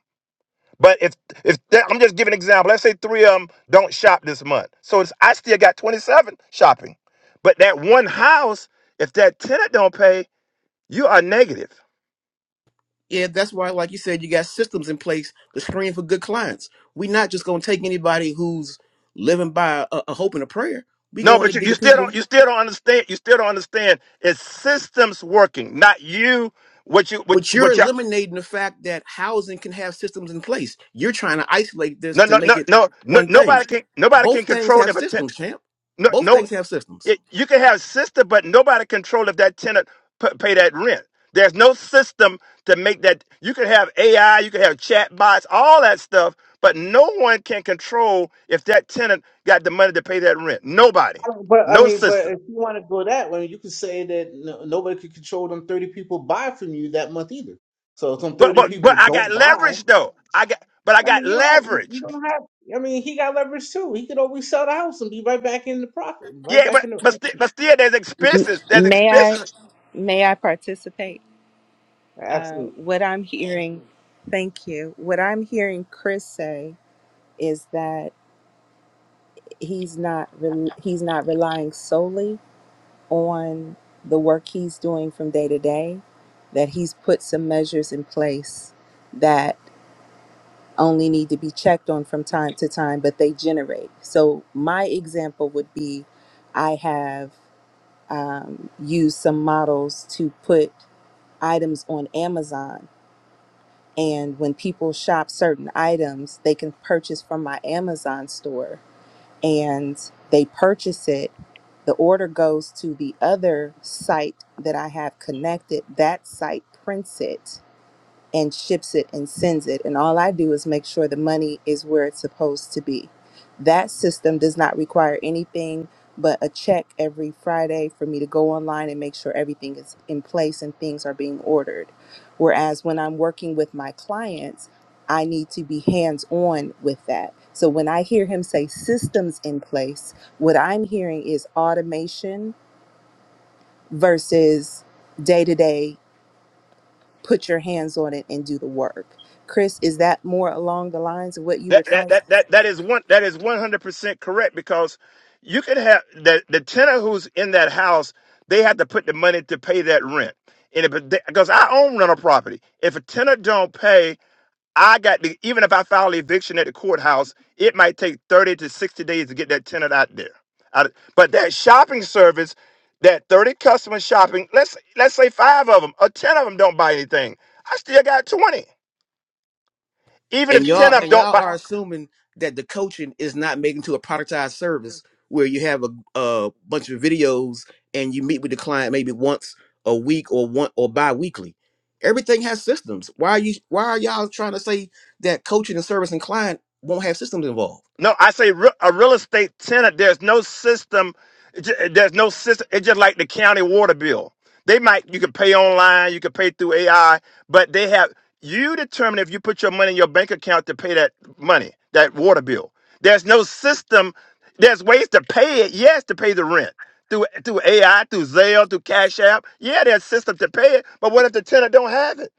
Speaker 4: But if if that, I'm just giving an example, let's say three of them don't shop this month, so it's, I still got 27 shopping. But that one house, if that tenant don't pay, you are negative.
Speaker 6: Yeah, that's why, like you said, you got systems in place to screen for good clients. We're not just going to take anybody who's living by a, a hope and a prayer. We're
Speaker 4: No,
Speaker 6: going to
Speaker 4: but you,
Speaker 6: get
Speaker 4: you
Speaker 6: the
Speaker 4: still
Speaker 6: people.
Speaker 4: don't you still don't understand you still don't understand it's systems working, not you. What you what
Speaker 6: But you're
Speaker 4: what you
Speaker 6: eliminating the fact that housing can have systems in place. You're trying to isolate this
Speaker 4: no
Speaker 6: to
Speaker 4: no
Speaker 6: make
Speaker 4: no
Speaker 6: it
Speaker 4: no no
Speaker 6: one thing.
Speaker 4: nobody can nobody
Speaker 6: Both
Speaker 4: can
Speaker 6: things
Speaker 4: control
Speaker 6: have
Speaker 4: if a tenant
Speaker 6: systems, champ.
Speaker 4: no
Speaker 6: Both
Speaker 4: no
Speaker 6: things have systems.
Speaker 4: It, you can have system, but nobody control if that tenant p- pay that rent. There's no system to make that. You can have AI, you can have chat bots, all that stuff, but no one can control if that tenant got the money to pay that rent. Nobody,
Speaker 1: I don't- But I
Speaker 4: no
Speaker 1: mean, but
Speaker 4: system.
Speaker 1: if you want to go that way, you could say that no, nobody could control them thirty people buy from you that month either. So if them
Speaker 4: But
Speaker 1: thirty
Speaker 4: but but
Speaker 1: people
Speaker 4: I
Speaker 1: don't
Speaker 4: got
Speaker 1: buy,
Speaker 4: leverage though. I got but I
Speaker 1: I
Speaker 4: got
Speaker 1: mean, you don't have you you
Speaker 4: leverage.
Speaker 1: don't have. I mean, he got leverage too. He could always sell the house and be right back in the profit, right
Speaker 4: Yeah,
Speaker 1: back
Speaker 4: but
Speaker 1: in
Speaker 4: but,
Speaker 1: the.
Speaker 4: sti- but still, there's
Speaker 5: M-
Speaker 4: expenses. There's
Speaker 5: May I
Speaker 4: expenses
Speaker 5: may I participate? Uh,
Speaker 1: Absolutely.
Speaker 5: what I'm hearing, thank you. What I'm hearing Chris say is that he's not rel he's not relying solely on the work he's doing from day to day that he's put some measures in place that only need to be checked on from time to time but they generate so my example would be i have um, used some models to put items on amazon and when people shop certain items they can purchase from my amazon store and they purchase it, the order goes to the other site that I have connected. That site prints it and ships it and sends it. And all I do is make sure the money is where it's supposed to be. That system does not require anything but a check every Friday for me to go online and make sure everything is in place and things are being ordered. Whereas when I'm working with my clients, I need to be hands on with that. So when I hear him say systems in place, what I'm hearing is automation versus day to day put your hands on it and do the work. Chris, is that more along the lines of what you were
Speaker 4: That that
Speaker 5: trying to?
Speaker 4: that that that is one that is one hundred percent correct because you could have the the tenant who's in that house. They have to put the money to pay that rent, and if they, because I own rental property, if a tenant don't pay, I got the even if I file eviction at the courthouse, it might take 30 to 60 days to get that tenant out there. Out- but that shopping service, that 30 customers shopping, let's let's say five of them or 10 of them don't buy anything. I still got 20. Even
Speaker 6: And
Speaker 4: if 10
Speaker 6: y'all
Speaker 4: of them
Speaker 6: and
Speaker 4: don't
Speaker 6: y'all
Speaker 4: buy
Speaker 6: are assuming that the coaching is not making to a productized service where you have a, a bunch of videos and you meet with the client maybe once a week or one or bi-weekly. Everything has systems. Why are you why are y'all trying to say that coaching and service and client won't have systems involved?
Speaker 4: No, I say re- a real estate tenant. There's no system. it ju- There's no system. It's just like the county water bill. They might you can pay online, you can pay through AI, but they have you determine if you put your money in your bank account to pay that money, that water bill. There's no system. There's ways to pay it. Yes, to pay the rent through through AI, through Zelle, through Cash App. Yeah, there's systems to pay it. But what if the tenant don't have it?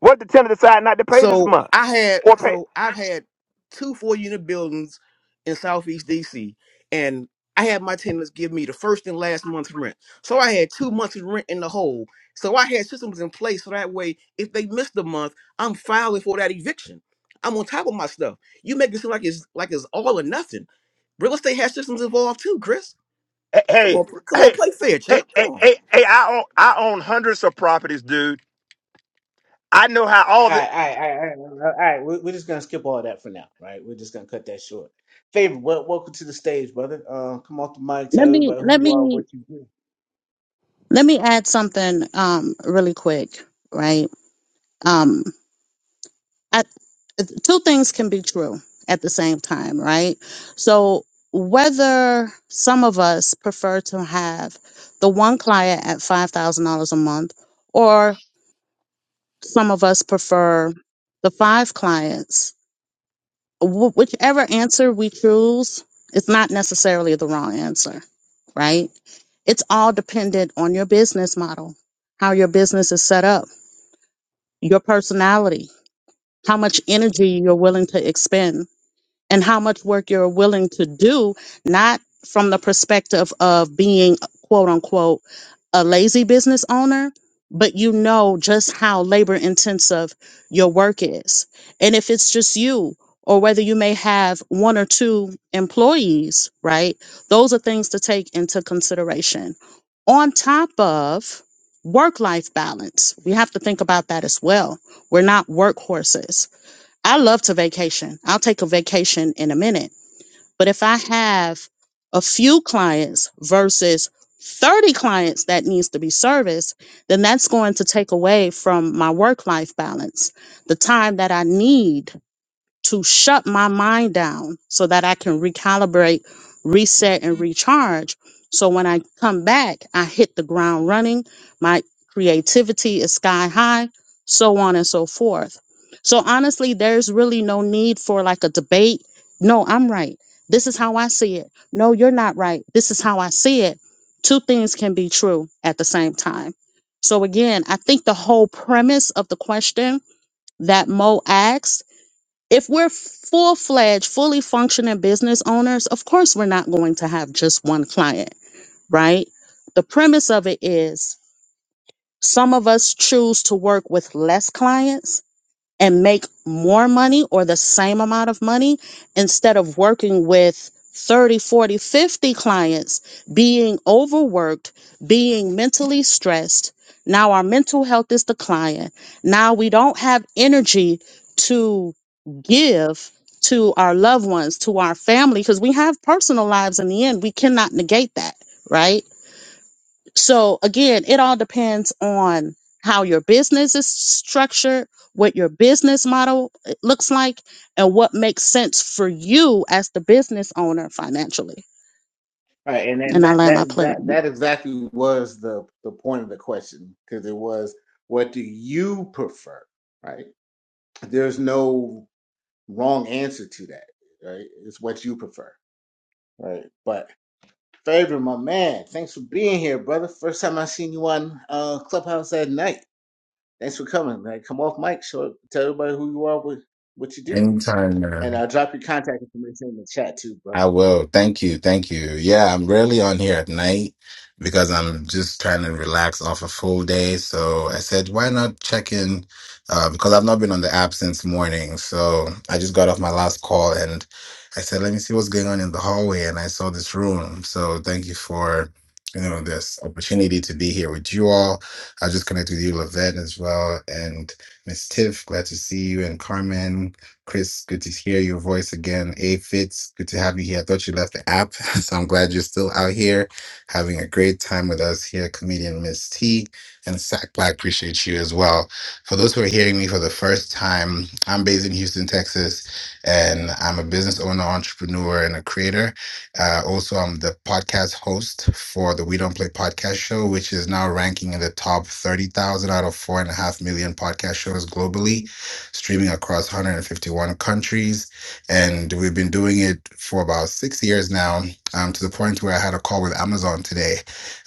Speaker 4: What if the tenant decide not to pay this
Speaker 6: So
Speaker 4: month?
Speaker 6: I had
Speaker 4: or pay?
Speaker 6: so I've had two four unit buildings in Southeast DC, and I had my tenants give me the first and last month's rent. So I had two months of rent in the hole. So I had systems in place so that way if they missed a month, I'm filing for that eviction. I'm on top of my stuff. You make it seem like it's like it's all or nothing. Real estate has systems involved too, Chris.
Speaker 4: hey,
Speaker 6: Come
Speaker 4: hey,
Speaker 6: on, come on,
Speaker 4: hey,
Speaker 6: play fair, champ. Come
Speaker 4: hey,
Speaker 6: on.
Speaker 4: hey, hey, I own I own hundreds of properties, dude. I know how
Speaker 1: All
Speaker 4: all the
Speaker 1: right, all right, all right, all right. all right. We're, we're just gonna skip all that for now, right? We're just gonna cut that short. Favor, well, welcome to the stage, brother. Uh, come off the mic,
Speaker 3: Let
Speaker 1: tell
Speaker 3: me
Speaker 1: everybody who
Speaker 3: let
Speaker 1: you are,
Speaker 3: me
Speaker 1: what you do.
Speaker 3: let me add something um really quick, right? Um I, two things can be true at the same time, right? So whether some of us prefer to have the one client at $5,000 a month or some of us prefer the five clients wh- whichever answer we choose it's not necessarily the wrong answer, right? It's all dependent on your business model, how your business is set up, your personality, how much energy you're willing to expend and how much work you're willing to do, not from the perspective of being quote unquote a lazy business owner, but you know just how labor intensive your work is. And if it's just you, or whether you may have one or two employees, right? Those are things to take into consideration. On top of work life balance, we have to think about that as well. We're not workhorses I love to vacation. I'll take a vacation in a minute. But if I have a few clients versus 30 clients that needs to be serviced, then that's going to take away from my work life balance, the time that I need to shut my mind down so that I can recalibrate, reset, and recharge. So when I come back, I hit the ground running. My creativity is sky high, so on and so forth. So honestly, there's really no need for like a debate. No, I'm right. This is how I see it. No, you're not right. This is how I see it. Two things can be true at the same time. So again, I think the whole premise of the question that Mo asked if we're full fledged, fully functioning business owners, of course, we're not going to have just one client, right? The premise of it is some of us choose to work with less clients and make more money or the same amount of money instead of working with 30, 40, 50 clients, being overworked, being mentally stressed. Now our mental health is declining. Now we don't have energy to give to our loved ones, to our family, because we have personal lives in the end. We cannot negate that, right? So again, it all depends on how your business is structured, what your business model uh, looks like, and what makes sense for you as the business owner financially.
Speaker 1: All right, and then
Speaker 3: And I
Speaker 1: that
Speaker 3: land my
Speaker 1: that that
Speaker 3: plane.
Speaker 1: that exactly was the the point of the question because it was, what do you prefer, right? There's no wrong answer to that, right? It's what you prefer, right? But Favor, my man, thanks for being here, brother. First time I seen you on uh Clubhouse at night. Thanks for coming, man. Come off mic, show tell everybody who you are, what, what you do,
Speaker 7: Anytime,
Speaker 1: and
Speaker 7: man.
Speaker 1: I'll drop your contact information in the chat too,
Speaker 7: I
Speaker 1: bro.
Speaker 7: will. Thank you. Thank you. Yeah, I'm rarely on here at night because I'm just trying to relax off a full day. So I said, why not check in? Uh, because I've not been on the app since morning. So I just got off my last call and I said, let me see what's going on in the hallway. And I saw this room. So thank you for, you know, this opportunity to be here with you all. I just connected with you, Lavette, as well. And Miss Tiff, glad to see you. And Carmen. Chris, good to hear your voice again. A Fitz, good to have you here. I thought you left the app, so I'm glad you're still out here having a great time with us here. Comedian Miss T and Sack Black, appreciate you as well. For those who are hearing me for the first time, I'm based in Houston, Texas, and I'm a business owner, entrepreneur, and a creator. Uh, also, I'm the podcast host for the We Don't Play podcast show, which is now ranking in the top 30,000 out of 4.5 million podcast shows globally streaming across 151 countries. And we've been doing it for about six years now, um, to the point where I had a call with Amazon today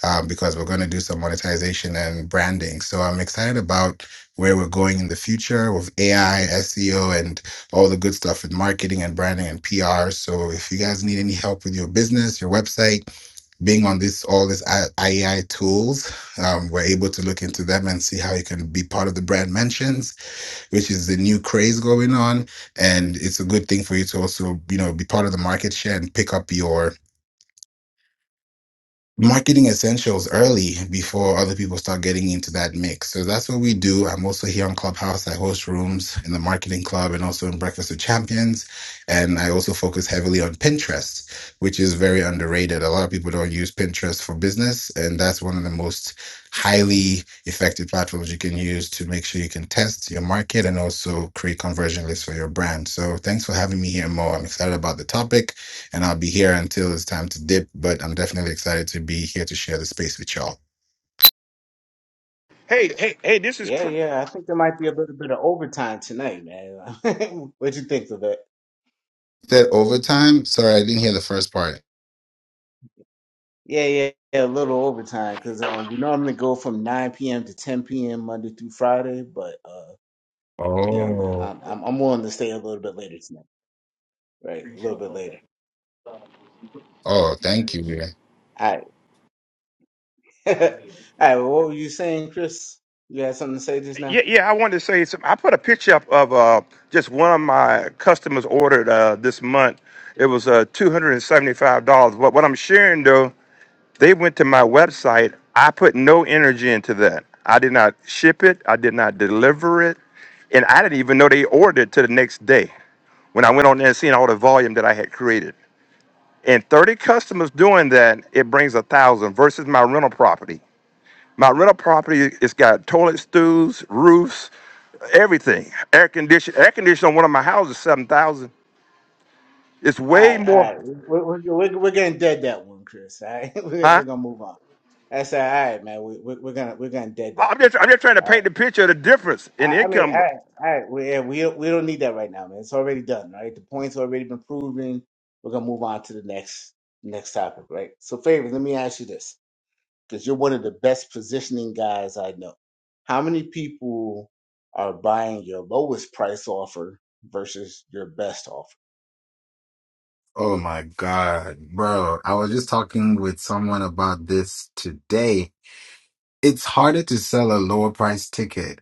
Speaker 7: um, because we're going to do some monetization and branding. So I'm excited about where we're going in the future with AI, SEO, and all the good stuff with marketing and branding and PR. So if you guys need any help with your business, your website, being on this all this AI tools, um, we're able to look into them and see how you can be part of the brand mentions which is the new craze going on. And it's a good thing for you to also, you know, be part of the market share and pick up your marketing essentials early before other people start getting into that mix. So that's what we do. I'm also here on Clubhouse. I host rooms in the marketing club and also in Breakfast with Champions. And I also focus heavily on Pinterest, which is very underrated. A lot of people don't use Pinterest for business. And that's one of the most highly effective platforms you can use to make sure you can test your market and also create conversion lists for your brand. So thanks for having me here, Mo. I'm excited about the topic and I'll be here until it's time to dip. But I'm definitely excited to be here to share the space with y'all.
Speaker 1: Yeah, yeah. I think there might be a little bit of overtime tonight, man. what you think of that?
Speaker 7: Said overtime? Sorry, I didn't hear the first part.
Speaker 1: Yeah, yeah, yeah. A little overtime because um, we normally go from 9 p.m. to 10 p.m. Monday through Friday, but uh, yeah,
Speaker 7: Oh,
Speaker 1: I'm, I'm I'm willing to stay a little bit later tonight. Right, a little bit later.
Speaker 7: oh, thank you. man.
Speaker 1: All right, all right. Well, what were you saying, Chris? You had something to say just now?
Speaker 4: yeah, yeah. I wanted to say something. I put a picture up of uh, just one of my customers ordered uh, this month. It was uh, two hundred and seventy-five dollars. What what I'm sharing though, they went to my website. I put no energy into that. I did not ship it. I did not deliver it, and I didn't even know they ordered it to the next day when I went on there and seen all the volume that I had created. and 30 customers doing that, it brings a thousand versus my rental property. My rental property, it's got toilet stools, roofs, everything. Air condition, air condition on one of my houses, seven thousand. It's
Speaker 1: All
Speaker 4: way
Speaker 1: right, all
Speaker 4: more,
Speaker 1: right. We're, we're, we're, we're gonna dead that one, Chris. All right, we're,
Speaker 4: huh?
Speaker 1: we're gonna move on. That's all right, man. We, we, we're gonna we're gonna dead that
Speaker 4: I'm
Speaker 1: one.
Speaker 4: just, I'm just trying to
Speaker 1: All right.
Speaker 4: paint the picture of the difference in
Speaker 1: I, I mean, all
Speaker 4: income.
Speaker 1: right, all right. We, yeah, we don't- we don't need that right now, man. It's already done. Right, the point's already been proven. We're gonna move on to the next next topic, right? So, favor. Let me ask you this, because you're one of the best positioning guys I know. How many people are buying your lowest price offer versus your best offer?
Speaker 7: Oh my God, bro. I was just talking with someone about this today. It's harder to sell a lower price ticket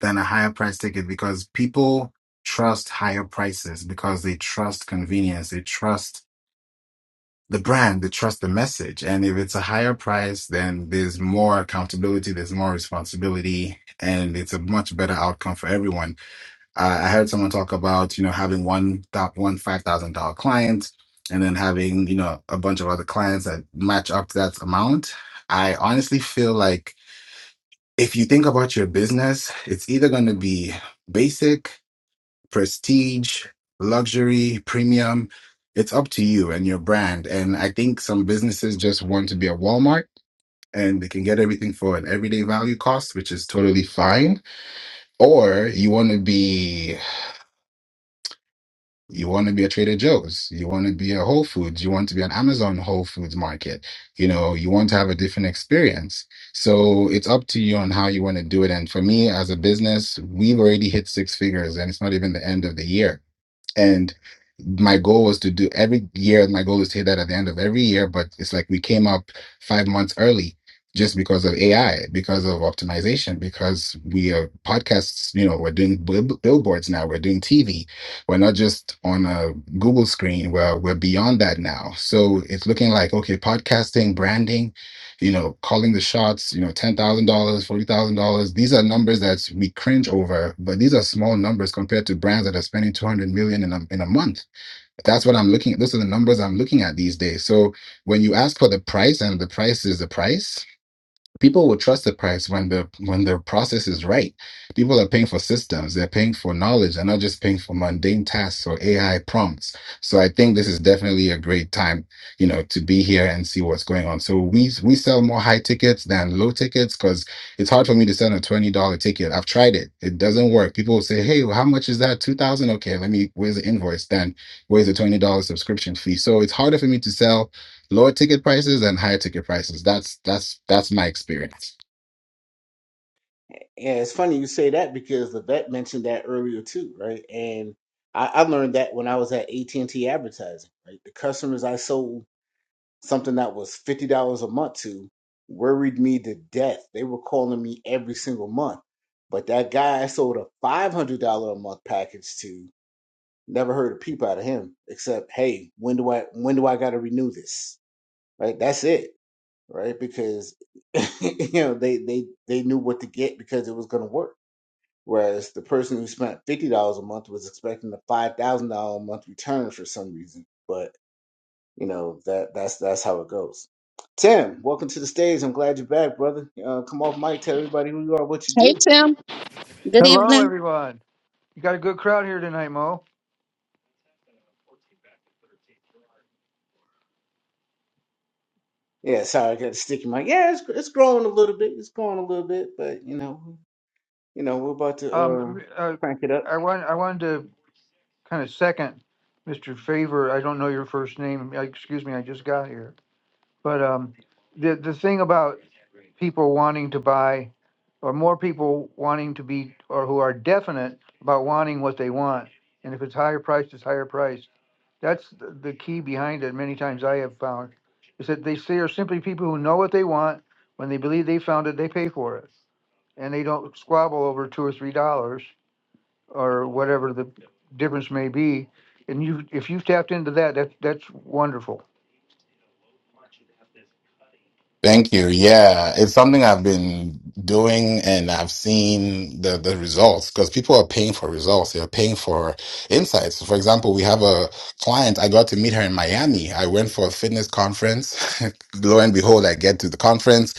Speaker 7: than a higher price ticket because people trust higher prices because they trust convenience. They trust the brand they trust the message and if it's a higher price then there's more accountability there's more responsibility and it's a much better outcome for everyone uh, i heard someone talk about you know having one top one five thousand dollar client and then having you know a bunch of other clients that match up to that amount i honestly feel like if you think about your business it's either going to be basic prestige, luxury, premium. It's up to you and your brand. And I think some businesses just want to be a Walmart and they can get everything for an everyday value cost, which is totally fine. Or you want to be you want to be a Trader Joe's, you want to be a Whole Foods, you want to be an Amazon Whole Foods market. You know, you want to have a different experience. So it's up to you on how you want to do it. And for me as a business, we've already hit six figures and it's not even the end of the year. and my goal was to do every year my goal is to hit that at the end of every year but it's like we came up five months early just because of ai because of optimization because we are podcasts you know we're doing bill- billboards now we're doing tv we're not just on a google screen we're, we're beyond that now so it's looking like okay podcasting branding you know, calling the shots, you know, $10,000, $40,000. These are numbers that we cringe over, but these are small numbers compared to brands that are spending 200 million dollars in a, in a month. That's what I'm looking at. Those are the numbers I'm looking at these days. So when you ask for the price and the price is the price, people will trust the price when the when the process is right people are paying for systems they're paying for knowledge they're not just paying for mundane tasks or ai prompts so i think this is definitely a great time you know to be here and see what's going on so we we sell more high tickets than low tickets because it's hard for me to sell a $20 ticket i've tried it it doesn't work people will say hey how much is that 2000 okay let me where's the invoice then where's the $20 subscription fee so it's harder for me to sell Lower ticket prices and higher ticket prices. That's that's that's my experience.
Speaker 1: And it's funny you say that because the vet mentioned that earlier too, right? And I, I learned that when I was at AT and T advertising, right? The customers I sold something that was fifty dollars a month to worried me to death. They were calling me every single month, but that guy I sold a five hundred dollar a month package to never heard a peep out of him except, hey, when do I when do I got to renew this? Right? That's it, right? Because you know they they they knew what to get because it was going to work whereas the person who spent fifty dollars a month was expecting a five thousand dollar a month return for some reason. But you know that that's that's how it goes. Tim, welcome to the stage. I'm glad you're back, brother. Uh, come off mic, tell everybody who you are, what you
Speaker 3: Hey
Speaker 1: do.
Speaker 3: Tim, good
Speaker 8: Hello,
Speaker 3: evening.
Speaker 8: everyone. You got a good crowd here tonight, Mo.
Speaker 1: Yeah, sorry, I got a sticky mic. Yeah, it's it's growing a little bit. It's growing a little bit, but you know, you know, we're about to uh,
Speaker 8: Um, uh,
Speaker 1: crank it up.
Speaker 8: I want I wanted to kind of second Mr. Favor. I don't know your first name. Uh, Excuse me, I just got here. But um, the the thing about people wanting to buy, or more people wanting to be, or who are definite about wanting what they want, and if it's higher priced, it's higher priced. That's the, the key behind it. Many times I have found is that they say are simply people who know what they want. When they believe they found it, they pay for it and they don't squabble over two or three dollars or whatever the difference may be. And you, if you've tapped into that, that that's wonderful.
Speaker 7: Thank you. Yeah, it's something I've been doing and I've seen the, the results because people are paying for results. They're paying for insights. For example, we have a client. I got to meet her in Miami. I went for a fitness conference. Lo and behold, I get to the conference.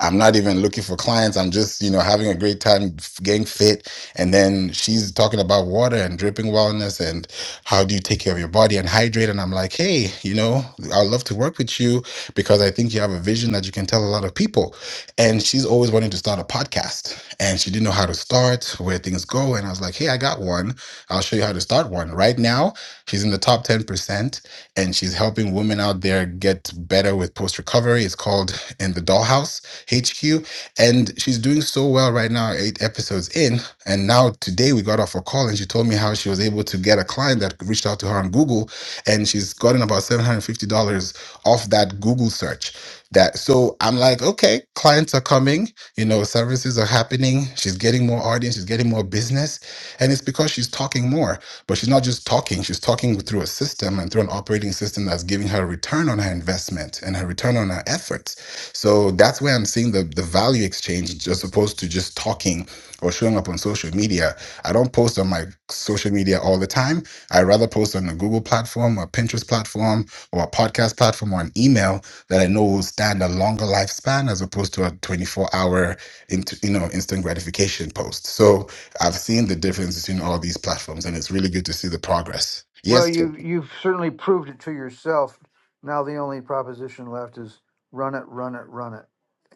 Speaker 7: I'm not even looking for clients. I'm just, you know, having a great time getting fit. And then she's talking about water and dripping wellness and how do you take care of your body and hydrate. And I'm like, hey, you know, I'd love to work with you because I think you have a vision that you can tell a lot of people. And she's always wanting to start a podcast and she didn't know how to start, where things go. And I was like, hey, I got one. I'll show you how to start one. Right now, she's in the top 10% and she's helping women out there get better with post recovery. It's called In the Dollhouse HQ, and she's doing so well right now, eight episodes in. And now today we got off a call, and she told me how she was able to get a client that reached out to her on Google, and she's gotten about seven hundred fifty dollars off that Google search. That so I'm like, okay, clients are coming, you know, services are happening. She's getting more audience, she's getting more business, and it's because she's talking more. But she's not just talking; she's talking through a system and through an operating system that's giving her a return on her investment and her return on her efforts. So that's where I'm seeing the, the value exchange as opposed to just talking or showing up on social media. I don't post on my social media all the time. I rather post on a Google platform, a Pinterest platform, or a podcast platform, or an email that I know will stand a longer lifespan as opposed to a 24 hour, int- you know, instant gratification post. So I've seen the difference between all these platforms, and it's really good to see the progress.
Speaker 8: Well,
Speaker 7: Yes, Tim.
Speaker 8: you you've certainly proved it to yourself. Now the only proposition left is run it, run it, run it,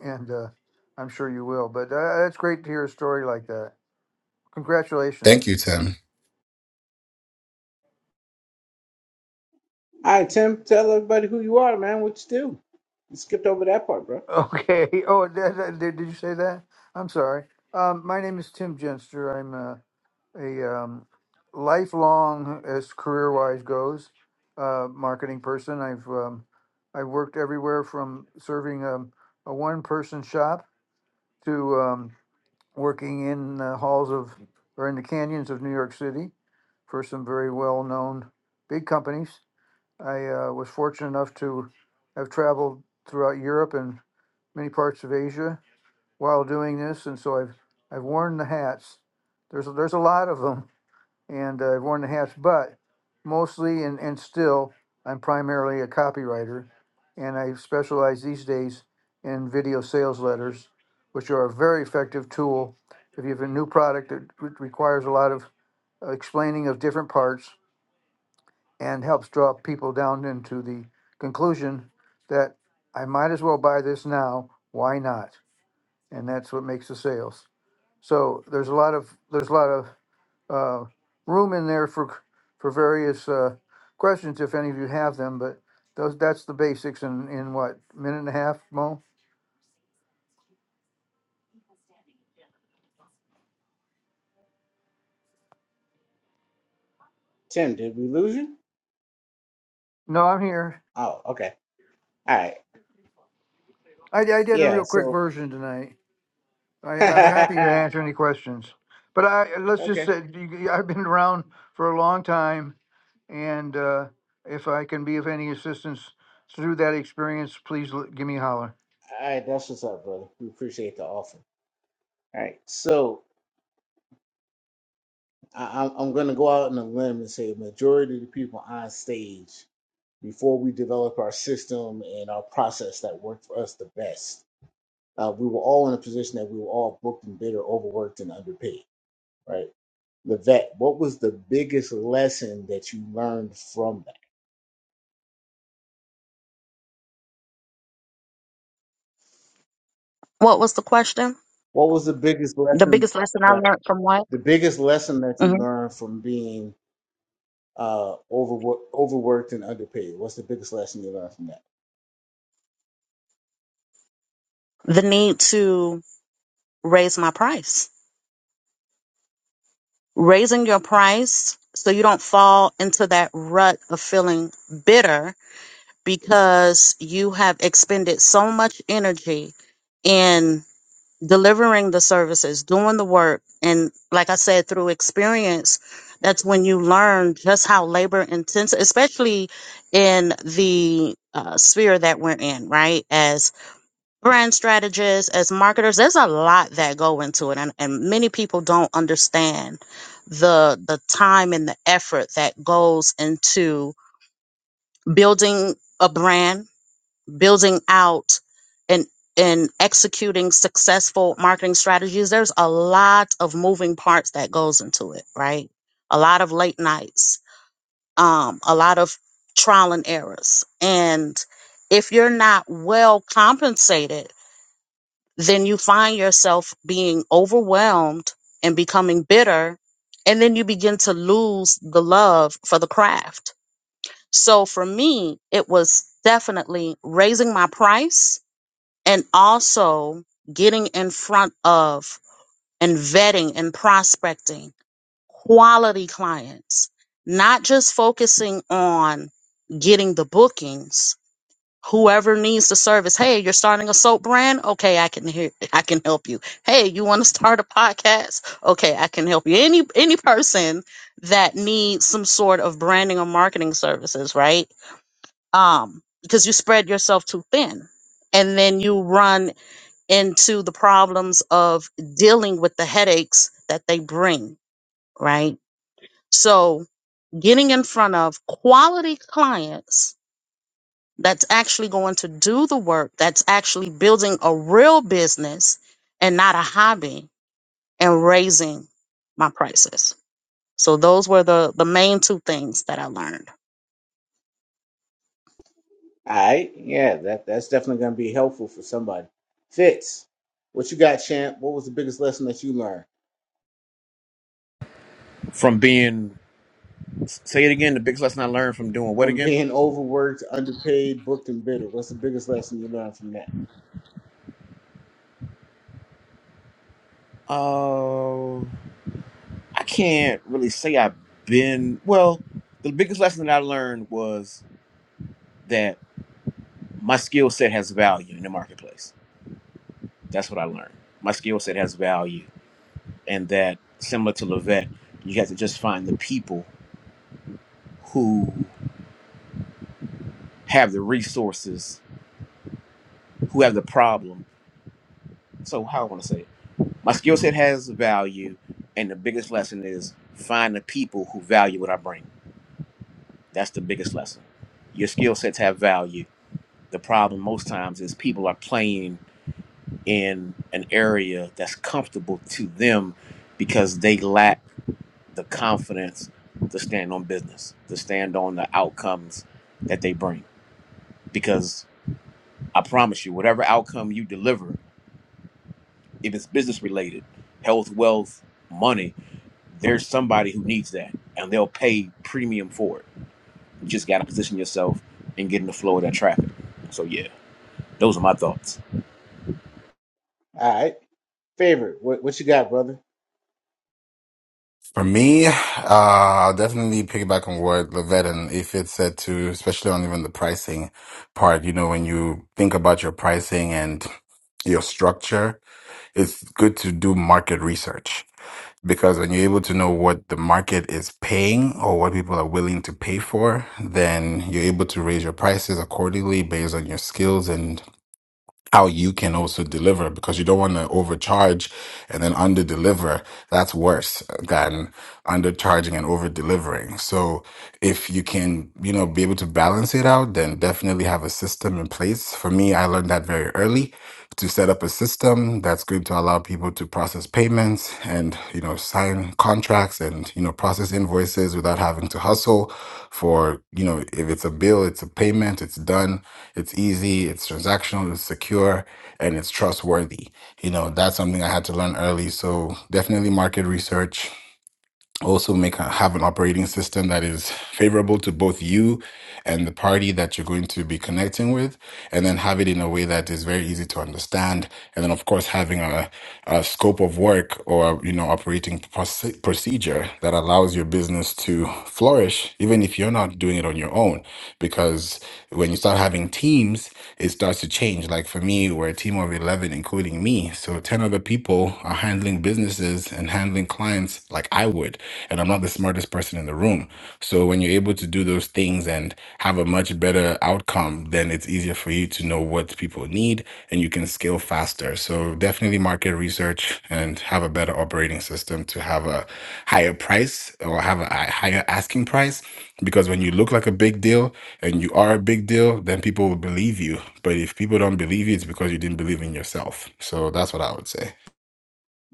Speaker 8: and uh, I'm sure you will. But uh, that's great to hear a story like that. Congratulations.
Speaker 7: Thank you, Tim.
Speaker 1: All right, Tim, tell everybody who you are, man. What you do? You skipped over that part, bro.
Speaker 8: Okay. Oh, did, did did you say that? I'm sorry. Um, my name is Tim Genster. I'm uh, a um, lifelong, as career wise goes, uh, marketing person. I've um, I worked everywhere from serving um, a one person shop to um, working in the halls of or in the canyons of New York City for some very well known big companies. I uh, was fortunate enough to have traveled throughout Europe and many parts of Asia while doing this, and so I've I've worn the hats. There's there's a lot of them and uh, I've worn the hats, but mostly and, and still, I'm primarily a copywriter, and I specialize these days in video sales letters, which are a very effective tool if you have a new product that re- requires a lot of uh, explaining of different parts and helps draw people down into the conclusion that I might as well buy this now. Why not? And that's what makes the sales. So there's a lot of there's a lot of uh, room in there for for various uh, questions if any of you have them. But those that's the basics in in what minute and a half, Mo.
Speaker 1: Tim, did we lose you?
Speaker 8: No, I'm here.
Speaker 1: Oh, okay. All right.
Speaker 8: I, I did a
Speaker 1: Yeah.
Speaker 8: real quick
Speaker 1: So.
Speaker 8: version tonight. I, I'm happy to answer any questions. But I let's just
Speaker 1: Okay.
Speaker 8: say you- I've been around for a long time, and uh, if I can be of any assistance through that experience, please l- give me a holler.
Speaker 1: All right, that's what's up, brother. We appreciate the offer. All right, so I, I'm I'm gonna go out on a limb and say majority of the people on stage before we develop our system and our process that worked for us the best, uh, we were all in a position that we were all booked and bitter, overworked and underpaid. Right, Levette, what was the biggest lesson that you learned from that?
Speaker 3: What was the question?
Speaker 1: What was the biggest
Speaker 3: The
Speaker 1: lesson?
Speaker 3: biggest lesson I
Speaker 1: Right,
Speaker 3: learned from what?
Speaker 1: the biggest lesson that you
Speaker 3: Mhm.
Speaker 1: learned from being uh, overworked, overworked and underpaid? What's the biggest lesson you learned from that?
Speaker 3: The need to raise my price. Raising your price so you don't fall into that rut of feeling bitter because you have expended so much energy in delivering the services, doing the work. And like I said, through experience, that's when you learn just how labor intensive, especially in the uh, sphere that we're in, right? As brand strategists, as marketers, there's a lot that go into it. And, and many people don't understand the, the time and the effort that goes into building a brand building out and and executing successful marketing strategies there's a lot of moving parts that goes into it right a lot of late nights um a lot of trial and errors and if you're not well compensated then you find yourself being overwhelmed and becoming bitter and then you begin to lose the love for the craft so for me it was definitely raising my price and also getting in front of and vetting and prospecting quality clients, not just focusing on getting the bookings. Whoever needs the service, hey, you're starting a soap brand? Okay, I can hear I can help you. Hey, you want to start a podcast? Okay, I can help you. Any any person that needs some sort of branding or marketing services, right? Um, because you spread yourself too thin and then you run into the problems of dealing with the headaches that they bring, right? So, getting in front of quality clients that's actually going to do the work, that's actually building a real business and not a hobby and raising my prices. So, those were the, the main two things that I learned.
Speaker 1: All right, yeah, that that's definitely going to be helpful for somebody. Fitz, what you got, champ? What was the biggest lesson that you learned
Speaker 6: From being, say it again, the biggest lesson I learned from doing what
Speaker 1: from
Speaker 6: again?
Speaker 1: being overworked, underpaid, booked, and bitter? What's the biggest lesson you learned from that?
Speaker 6: I can't really say I've been well. The biggest lesson that I learned was that my skill set has value in the marketplace. That's what I learned. My skill set has value, and that similar to Levette, you have to just find the people who have the resources, who have the problem. So how I want to say it, my skill set has value, and the biggest lesson is find the people who value what I bring. That's the biggest lesson. Your skill sets have value The problem most times is people are playing in an area that's comfortable to them because they lack the confidence to stand on business, to stand on the outcomes that they bring. Because I promise you, whatever outcome you deliver, if it's business related, health, wealth, money, there's somebody who needs that and they'll pay premium for it. You just got to position yourself and get in the flow of that traffic. So, yeah, those are my thoughts.
Speaker 1: All right, favorite, what what you got, brother?
Speaker 7: For me, uh, definitely piggyback on what Levette and Ifit said too, especially on even the pricing part. You know, when you think about your pricing and your structure, it's good to do market research because when you're able to know what the market is paying or what people are willing to pay for, then you're able to raise your prices accordingly based on your skills and how you can also deliver because you don't want to overcharge and then under deliver. That's worse than undercharging and over delivering. So if you can, you know, be able to balance it out, then definitely have a system in place. For me, I learned that very early to set up a system that's going to allow people to process payments and, you know, sign contracts and, you know, process invoices without having to hustle for, you know, if it's a bill, it's a payment, it's done it's easy, it's transactional, it's secure, and it's trustworthy. You know, that's something I had to learn early. So definitely market research also make a, have an operating system that is favorable to both you and the party that you're going to be connecting with and then have it in a way that is very easy to understand and then of course having a, a scope of work or you know operating proce- procedure that allows your business to flourish even if you're not doing it on your own because when you start having teams it starts to change like for me we're a team of 11 including me so 10 other people are handling businesses cases and handling clients like I would. And I'm not the smartest person in the room. So when you're able to do those things and have a much better outcome, then it's easier for you to know what people need and you can scale faster. So definitely market research and have a better operating system to have a higher price or have a a higher asking price. Because when you look like a big deal and you are a big deal, then people will believe you. But if people don't believe you, it's because you didn't believe in yourself. So that's what I would say.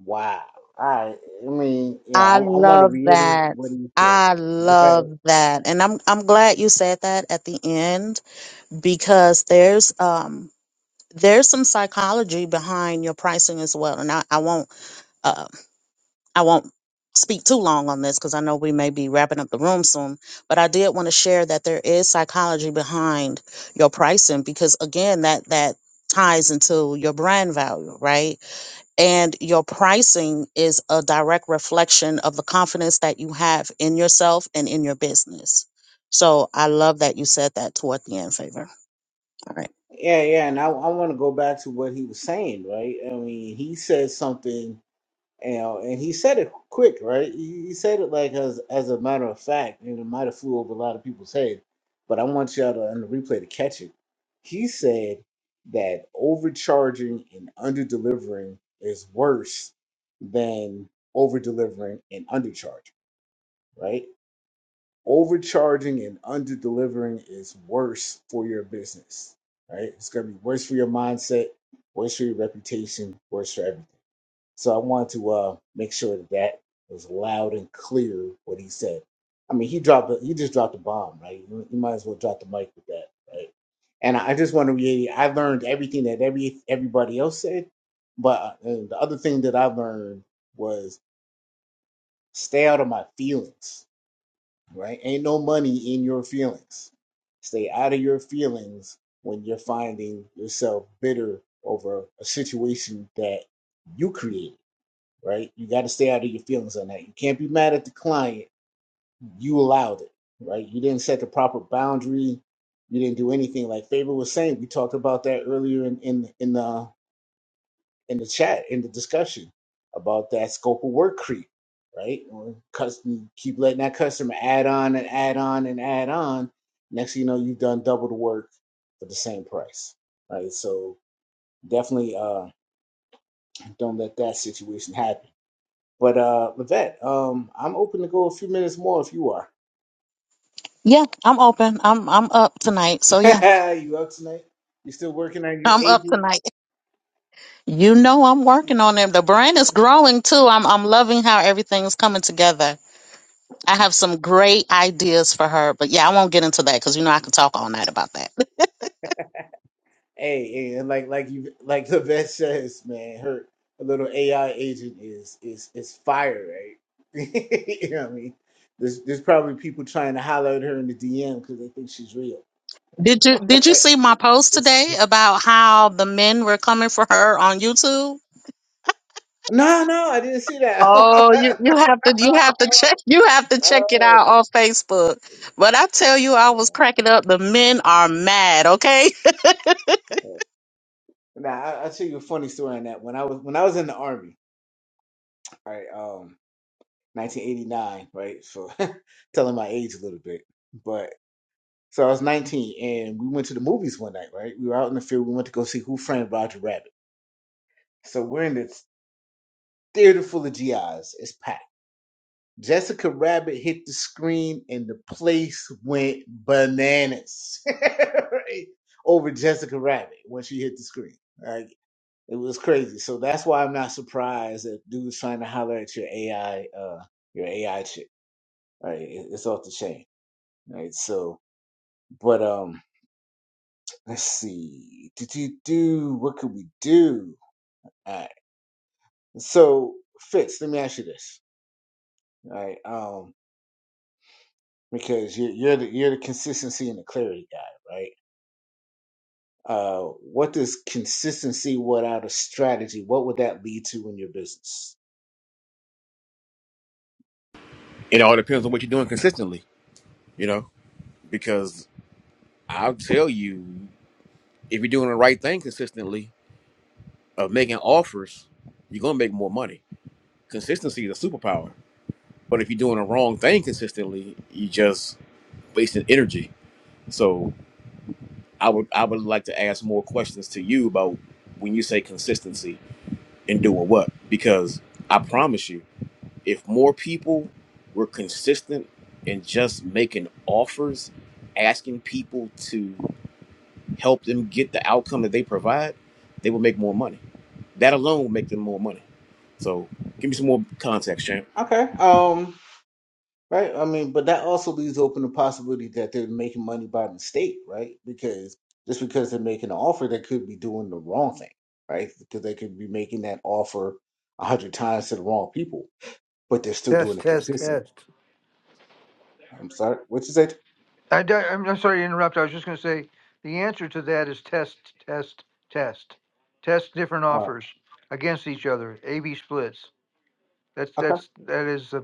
Speaker 1: Wow. All right. I mean, yeah, I,
Speaker 3: I
Speaker 1: I want to
Speaker 3: love
Speaker 1: reiterate
Speaker 3: that.
Speaker 1: what he said.
Speaker 3: I
Speaker 1: Right.
Speaker 3: love that. And I'm I'm glad you said that at the end because there's um there's some psychology behind your pricing as well. And I, I won't uh, I won't speak too long on this because I know we may be wrapping up the room soon. But I did want to share that there is psychology behind your pricing because again that that ties into your brand value, right? and your pricing is a direct reflection of the confidence that you have in yourself and in your business. So I love that you said that toward the end favor. All right.
Speaker 1: Yeah, yeah, and I, I want to go back to what he was saying. Right. I mean, he said something You know, and he said it quick, right? He he said it like as as a matter of fact, and it might have flew over a lot of people's head. But I want y'all to on the replay to catch it. He said that overcharging and under delivering is worse than over delivering and undercharging, right? Overcharging and under delivering is worse for your business, right? It's gonna be worse for your mindset, worse for your reputation, worse for everything so I wanted to uh, make sure that that was loud and clear what he said. I mean, he dropped a, he just dropped a bomb, right? You, you might as well drop the mic with that, right? And I just want to reiterate, I learned everything that every everybody else said, but uh, and the other thing that I learned was stay out of my feelings, right? Ain't no money in your feelings. Stay out of your feelings when you're finding yourself bitter over a situation that you created right? You got to stay out of your feelings on that. You can't be mad at the client. You allowed it, right? You didn't set the proper boundary. You didn't do anything like Faber was saying. We talked about that earlier in in in the in the chat in the discussion about that scope of work creep, right? Or custom keep letting that customer add on and add on and add on. Next thing you know, you've done double the work for the same price, right? So definitely uh, don't let that situation happen But uh, Levette, um, I'm open to go a few minutes more if you are.
Speaker 3: Yeah, I'm open. I'm I'm up tonight. So yeah,
Speaker 1: you up tonight? You still working on your
Speaker 3: I'm up
Speaker 1: agent?
Speaker 3: tonight. You know I'm working on it. The brand is growing too. I'm I'm loving how everything's coming together. I have some great ideas for her, but yeah, I won't get into that because you know I could talk all night about that.
Speaker 1: Hey, hey, and like like you like Levette says, man, her a little AI agent is is is fire, right? you know what I mean? There's there's probably people trying to holler at her in the DM because they think she's real.
Speaker 3: Did you did you see my post
Speaker 1: It's-
Speaker 3: today about how the men were coming for her on YouTube?
Speaker 1: no, no, I didn't see that.
Speaker 3: Oh, you,
Speaker 1: oh,
Speaker 3: you have to you have to check you have to check it
Speaker 1: oh.
Speaker 3: out on Facebook. But I tell you, I was
Speaker 1: man.
Speaker 3: cracking up. The men are mad. Okay,
Speaker 1: Nah, I, I'll tell you a funny story on that. When I was when I was in the army. right? Um, 1989, right? So telling my age a little bit, but so I was 19 and we went to the movies one night, right? We were out in the field. We went to go see Who Framed Roger Rabbit. So we're in this theater full of GIs. It's packed. Jessica Rabbit hit the screen and the place went bananas right? over Jessica Rabbit when she hit the screen. Like it was crazy. So that's why I'm not surprised that dudes trying to holler at your AI, uh, your AI chick right? it's off the chain, right? So, but um, let's see, do do do, what could we do? All right. So, Fitz, let me ask you this, all right? Um, because you're you're the you're the consistency and the clarity guy, right? Uh, what does consistency without a strategy? What would that lead to in your business?
Speaker 6: It all depends on what you're doing consistently, you know? because I'll tell you, if you're doing the right thing consistently of making offers, you're gonna make more money. Consistency is a superpower. But if you're doing the wrong thing consistently, you just wasting energy. So I would I would like to ask more questions to you about when you say consistency and doing what? Because I promise you, if more people were consistent in just making offers, asking people to help them get the outcome that they provide, they will make more money. That alone will make them more money. So give me some more context, champ.
Speaker 1: Okay. Um, Right. I mean, but that also leaves open the possibility that they're making money by mistake, right? Because just because they're making an offer, they could be doing the wrong thing, right? Because they could be making that offer a hundred times to the wrong people, but they're still doing
Speaker 8: Test,
Speaker 1: it
Speaker 8: test,
Speaker 1: consistently.
Speaker 8: test.
Speaker 1: I'm sorry. What you said?
Speaker 8: I, di- I'm I'm sorry to interrupt. I was just going to say the answer to that is test, test, test, test different
Speaker 1: Uh,
Speaker 8: offers against each other. A/B splits. That's
Speaker 1: okay.
Speaker 8: that's that is a.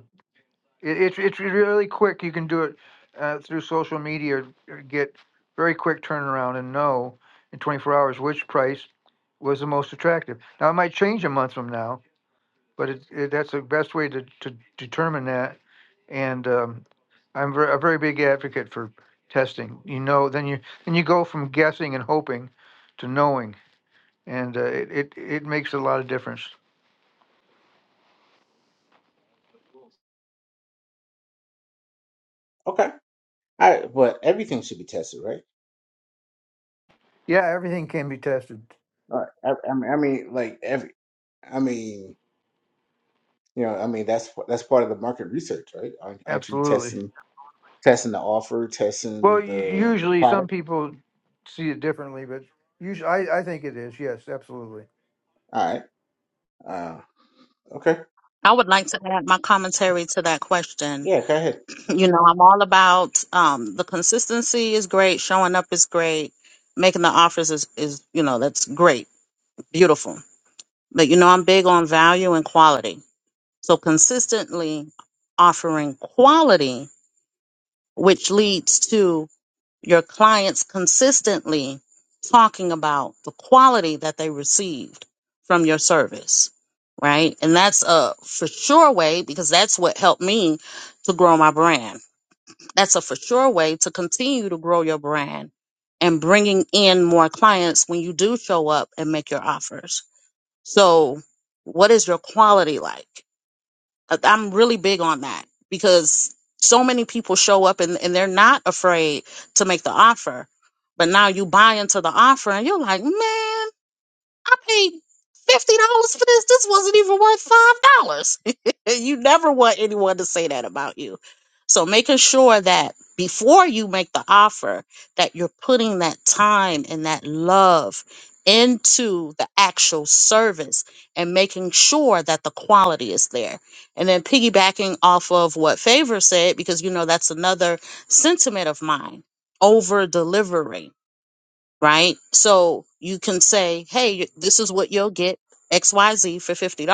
Speaker 8: It, it's it's really quick. You can do it uh, through social media. uh, Get very quick turnaround and know in 24 hours which price was the most attractive. Now it might change a month from now, but it, it, that's the best way to, to determine that. And um, I'm ver- a very big advocate for testing. You know, then you then you go from guessing and hoping to knowing, and uh, it, it it makes a lot of difference.
Speaker 1: Okay. All right. But everything should be tested, right?
Speaker 8: Yeah, everything can be tested.
Speaker 1: All right. I, I mean, I mean, like every. I mean, you know, I mean that's that's part of the market research, right? Aren't, aren't you
Speaker 8: Absolutely.
Speaker 1: testing testing the offer,
Speaker 8: Well,
Speaker 1: testing
Speaker 8: u-
Speaker 1: the the
Speaker 8: usually some
Speaker 1: product?
Speaker 8: people see it differently, but usually I, I think it is. Yes, absolutely.
Speaker 1: All right. Uh, okay.
Speaker 3: I would like to add my commentary to that question.
Speaker 1: Yeah, go ahead.
Speaker 3: You know, I'm all about um, the consistency is great, showing up is great, making the offers is is you know that's great, beautiful. But you know, I'm big on value and quality. So consistently offering quality, which leads to your clients consistently talking about the quality that they received from your service, right? And that's a for sure way because that's what helped me to grow my brand. That's a for sure way to continue to grow your brand and bringing in more clients when you do show up and make your offers. So, what is your quality like? I- I'm really big on that because so many people show up and, and they're not afraid to make the offer. But now you buy into the offer and you're like, man. I paid fifty dollars for this. This wasn't even worth five dollars. you never want anyone to say that about you. So making sure that before you make the offer, that you're putting that time and that love into the actual service and making sure that the quality is there. And then piggybacking off of what Favor said, because you know that's another sentiment of mine, over delivering right? So you can say, hey, this is what you'll get XYZ for $50.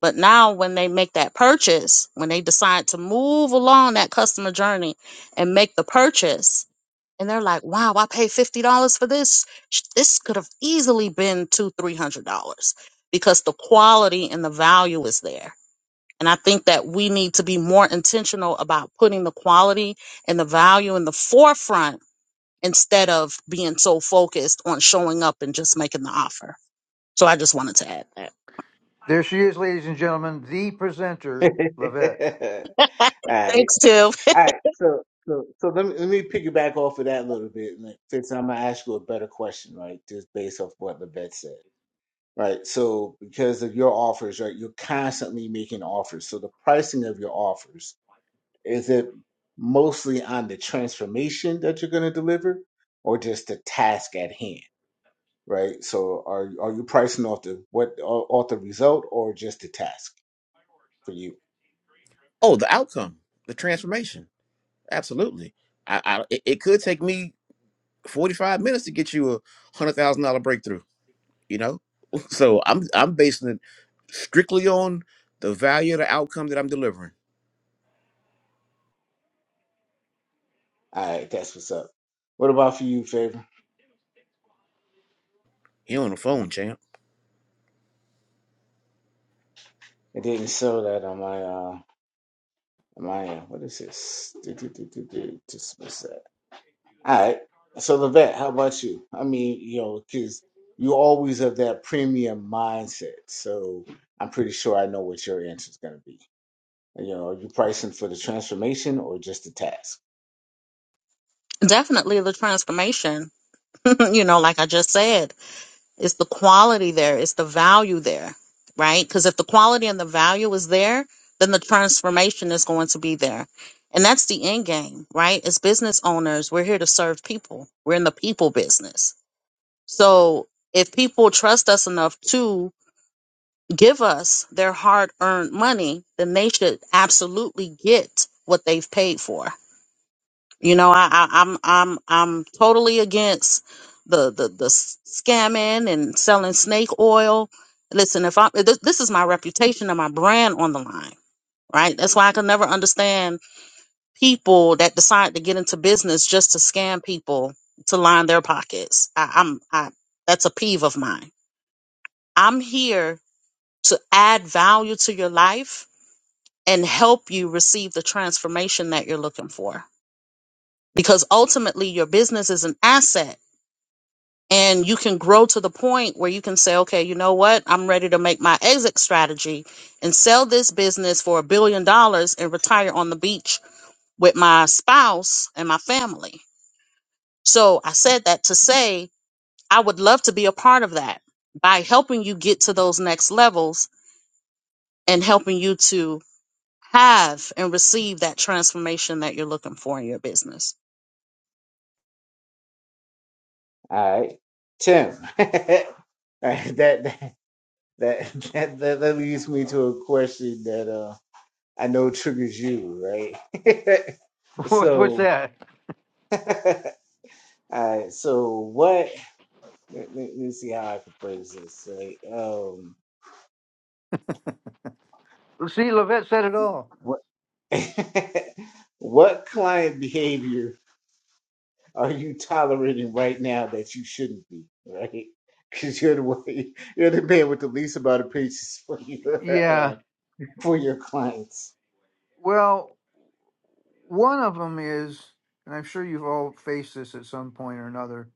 Speaker 3: But now, when they make that purchase, when they decide to move along that customer journey and make the purchase, and they're like, wow, I paid $50 for this. Sh- This could have easily been two, $300 because the quality and the value is there. And I think that we need to be more intentional about putting the quality and the value in the forefront instead of being so focused on showing up and just making the offer. So I just wanted to add
Speaker 8: There she is, ladies and gentlemen, the presenter, Lavette.
Speaker 3: that.
Speaker 1: All right.
Speaker 3: Thanks, Tiff.
Speaker 1: All right. So, so, so let me, let me piggyback off of that a little bit. And since I'm going to ask you a better question, right? Just based off what the vet said, right? So, because of your offers, right? You're constantly making offers. So, the pricing of your offers, is it mostly on the transformation that you're going to deliver or just the task at hand, right? So, are, are you pricing off the, what, off the result or just the task for you?
Speaker 6: Oh, the outcome, the transformation. Absolutely. I, I it it could take me 45 minutes to get you a hundred thousand dollar breakthrough, you know? So I'm I'm basing it strictly on the value of the outcome that I'm delivering.
Speaker 1: All right, that's what's up. What about for you, favor?
Speaker 6: Here on the phone, champ.
Speaker 1: I didn't show that on my uh on my uh, what is this? Do, do, do, do, do, Dismiss that. All right. So Levette, how about you? I mean, you know, because you always have that premium mindset. So I'm pretty sure I know what your answer is going to be. You know, are you pricing for the transformation or just the task?
Speaker 3: Definitely the transformation. you know, like I just said, it's the quality there, it's the value there, right? Because if the quality and the value is there, then the transformation is going to be there. And that's the end game, right? As business owners, we're here to serve people, we're in the people business. So if people trust us enough to give us their hard earned money, then they should absolutely get what they've paid for. You know, I, I, I'm I'm I'm totally against the the the s- scamming and selling snake oil. Listen, if I this, this is my reputation and my brand on the line, right? That's why I can never understand people that decide to get into business just to scam people to line their pockets. I, I'm I that's a peeve of mine. I'm here to add value to your life and help you receive the transformation that you're looking for. Because ultimately, your business is an asset and you can grow to the point where you can say, okay, you know what? I'm ready to make my exit strategy and sell this business for a billion dollars and retire on the beach with my spouse and my family. So I said that to say, I would love to be a part of that by helping you get to those next levels and helping you to have and receive that transformation that you're looking for in your business.
Speaker 1: All right, Tim. that, that that that that leads me to a question that uh. I know triggers you, right?
Speaker 8: What, what's
Speaker 1: so,
Speaker 8: that?
Speaker 1: all right. So, what? Let, let me see how I can phrase this. Right? Um,
Speaker 8: See, Lavette said it all.
Speaker 1: what? what client behavior are you tolerating right now that you shouldn't be? Right? Because you're the one, you're the man with the least amount of patience for
Speaker 8: Yeah.
Speaker 1: your uh, for your clients.
Speaker 8: Well, one of them is, and I'm sure you've all faced this at some point or another,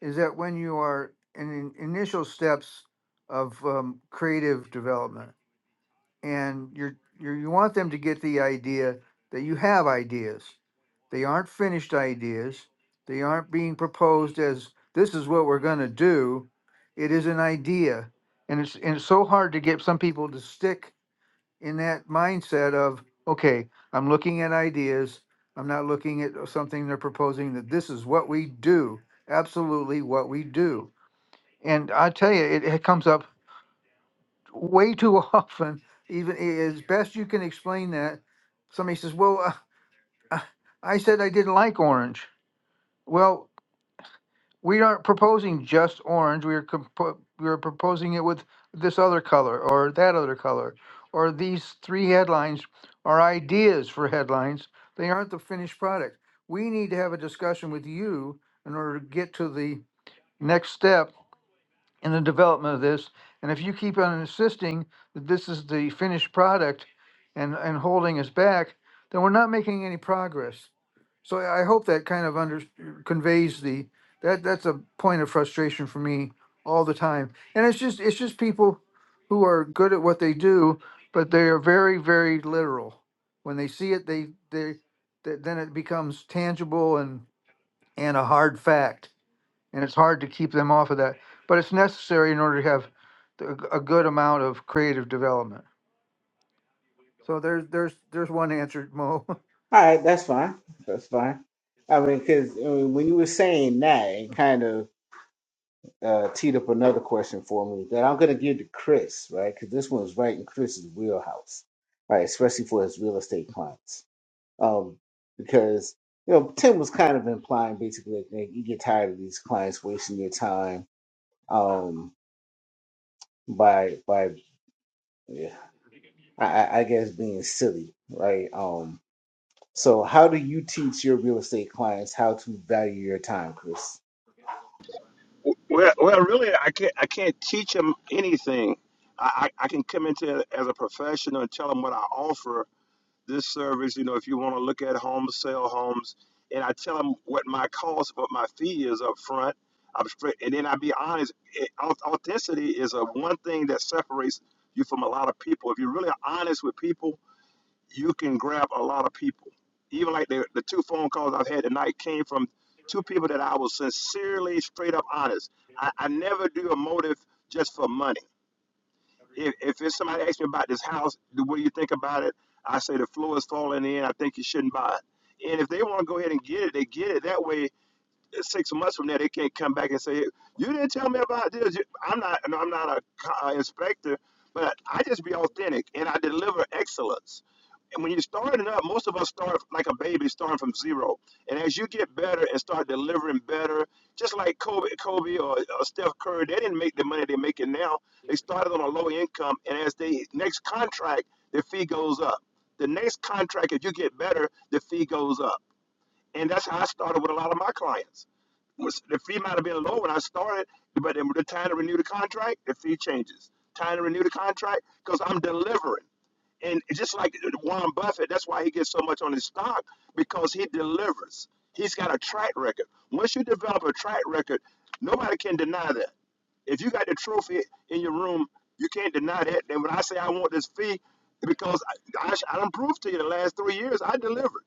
Speaker 8: is that when you are in the initial steps of um, creative development, and you're, you're you want them to get the idea that you have ideas. They aren't finished ideas. They aren't being proposed as this is what we're going to do. It is an idea, and it's and it's so hard to get some people to stick in that mindset of, okay, I'm looking at ideas. I'm not looking at uh, something they're proposing that this is what we do, absolutely what we do. And I tell you, it, it comes up way too often. Even i- as best you can explain that, somebody says, "Well, uh, uh, I said I didn't like orange." Well, we aren't proposing just orange. We are compo- we are proposing it with this other color or that other color or these three headlines are ideas for headlines. They aren't the finished product. We need to have a discussion with you in order to get to the next step in the development of this. And if you keep on insisting that this is the finished product and, and holding us back, then we're not making any progress. So I I hope that kind of under, conveys the, that, that's a point of frustration for me all the time. And it's just, it's just people who are good at what they do, but they are very, very literal. When they see it, they, they, th- then it becomes tangible and, and a hard fact and it's hard to keep them off of that. But it's necessary in order to have a a good amount of creative development. So there's there's there's one answer, Mo.
Speaker 1: All right, that's fine. That's fine. I mean, because I mean, when you were saying that, and kind of uh, teed up another question for me that I'm going to give to Chris, right? Because this one's right in Chris's wheelhouse, right? Especially for his real estate clients. Um, because, you know, Tim was kind of implying basically like, man, you get tired of these clients wasting your time um, by, by yeah, I, I I guess, being silly, right? Um, so, how do you teach your real estate clients how to value your time, Chris?
Speaker 4: Well, well, really, I can't. I can't teach them anything. I, I, I can come into it as a professional and tell them what I offer, this service, you know, if you want to look at homes, sell homes, and I tell them what my cost, what my fee is up front. I'm straight, and then I be honest. It, authenticity is a one thing that separates you from a lot of people. If you're really honest with people, you can grab a lot of people. Even like the, the two phone calls I've had tonight came from two people that I was sincerely, straight up honest. I, I never do a motive just for money if, if it's somebody asks me about this house, do- what do you think about it? I say the floor is falling in. I think you shouldn't buy it. And if they want to go ahead and get it, they get it. That way, six months from now, they can't come back and say, "Hey, "You didn't tell me about this." You- I'm not, no, I'm not a co- uh, inspector, but I just be authentic and I deliver excellence. And when you're starting up, most of us start like a baby, starting from zero. And as you get better and start delivering better, just like Kobe, Kobe or, or Steph Curry, they didn't make the money they're making now. They started on a low income, and as they next contract, their fee goes up. The next contract, if you get better, the fee goes up. And that's how I started with a lot of my clients was the fee might have been low when I started, but then the time to renew the contract, the fee changes. Time to renew the contract because I'm delivering, and just like Warren Buffett, that's why he gets so much on his stock because he delivers. He's got a track record. Once you develop a track record, nobody can deny that. If you got the trophy in your room, you can't deny that. And when I say I want this fee, because I, I, I done proved to you the last three years I delivered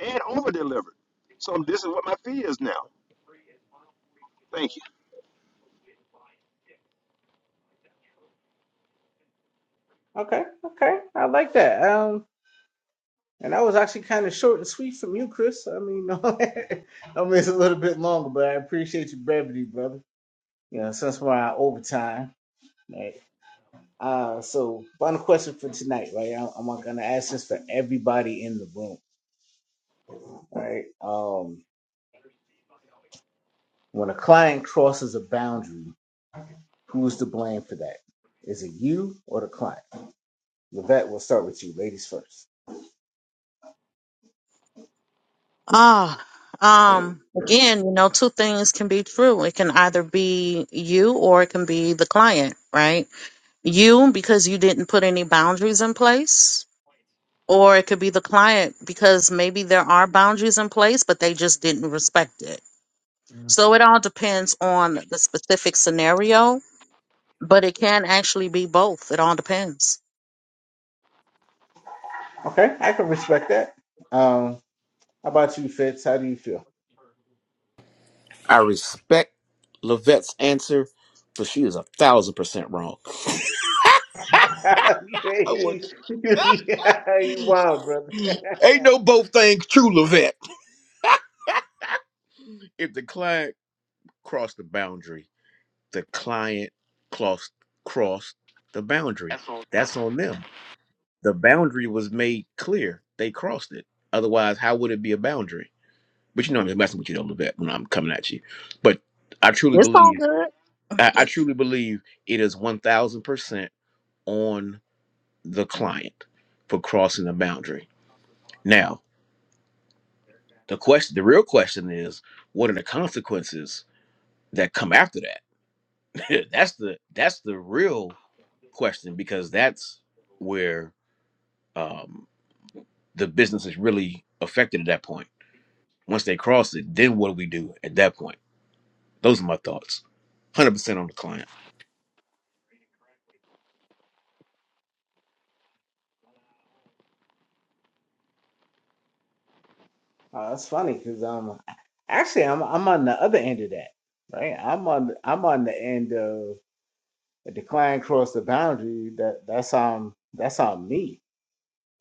Speaker 4: and over delivered. So this is what my fee is now. Thank you.
Speaker 1: Okay, okay, I like that. Um, and that was actually kind of short and sweet from you, Chris. I mean, I mean it's a little bit longer, but I appreciate your brevity, brother. You know, since we're on overtime, right? Uh, so final question for tonight, right? I- I'm gonna ask this for everybody in the room, right? Um, when a client crosses a boundary, who's to blame for that? Is it you or the client? Levette, we'll start with you, ladies first.
Speaker 3: Ah, um, again, you know, two things can be true. It can either be you or it can be the client, right? You because you didn't put any boundaries in place, or it could be the client because maybe there are boundaries in place, but they just didn't respect it. So
Speaker 8: Mhm.
Speaker 3: it all depends on the specific scenario, but it can actually be both. It all depends.
Speaker 1: Okay, I can respect that. Um, how about you, Fitz? How do you feel?
Speaker 6: I respect Lavette's answer, but she is a thousand percent wrong. I would.
Speaker 1: you, you you wild, brother.
Speaker 6: Ain't no both things true, Levette. If the client crossed the boundary, the client crossed crossed the boundary. That's on them. The boundary was made clear. They crossed it. Otherwise, how would it be a boundary? But you know, I'm just messing with you, though, Levette, when I'm coming at you. But I truly
Speaker 3: It's all
Speaker 6: believe,
Speaker 3: good.
Speaker 6: I, I truly believe it is 1000% on the client for crossing the boundary. Now, The question, the real question is, what are the consequences that come after that? that's the that's the real question because that's where um, the business is really affected at that point. Once they cross it, then what do we do at that point? Those are my thoughts. Hundred percent on the client.
Speaker 1: Uh, that's funny because um, actually I'm I'm on the other end of that, right? I'm on I'm on the end of a decline across the boundary. That that's on that's on me,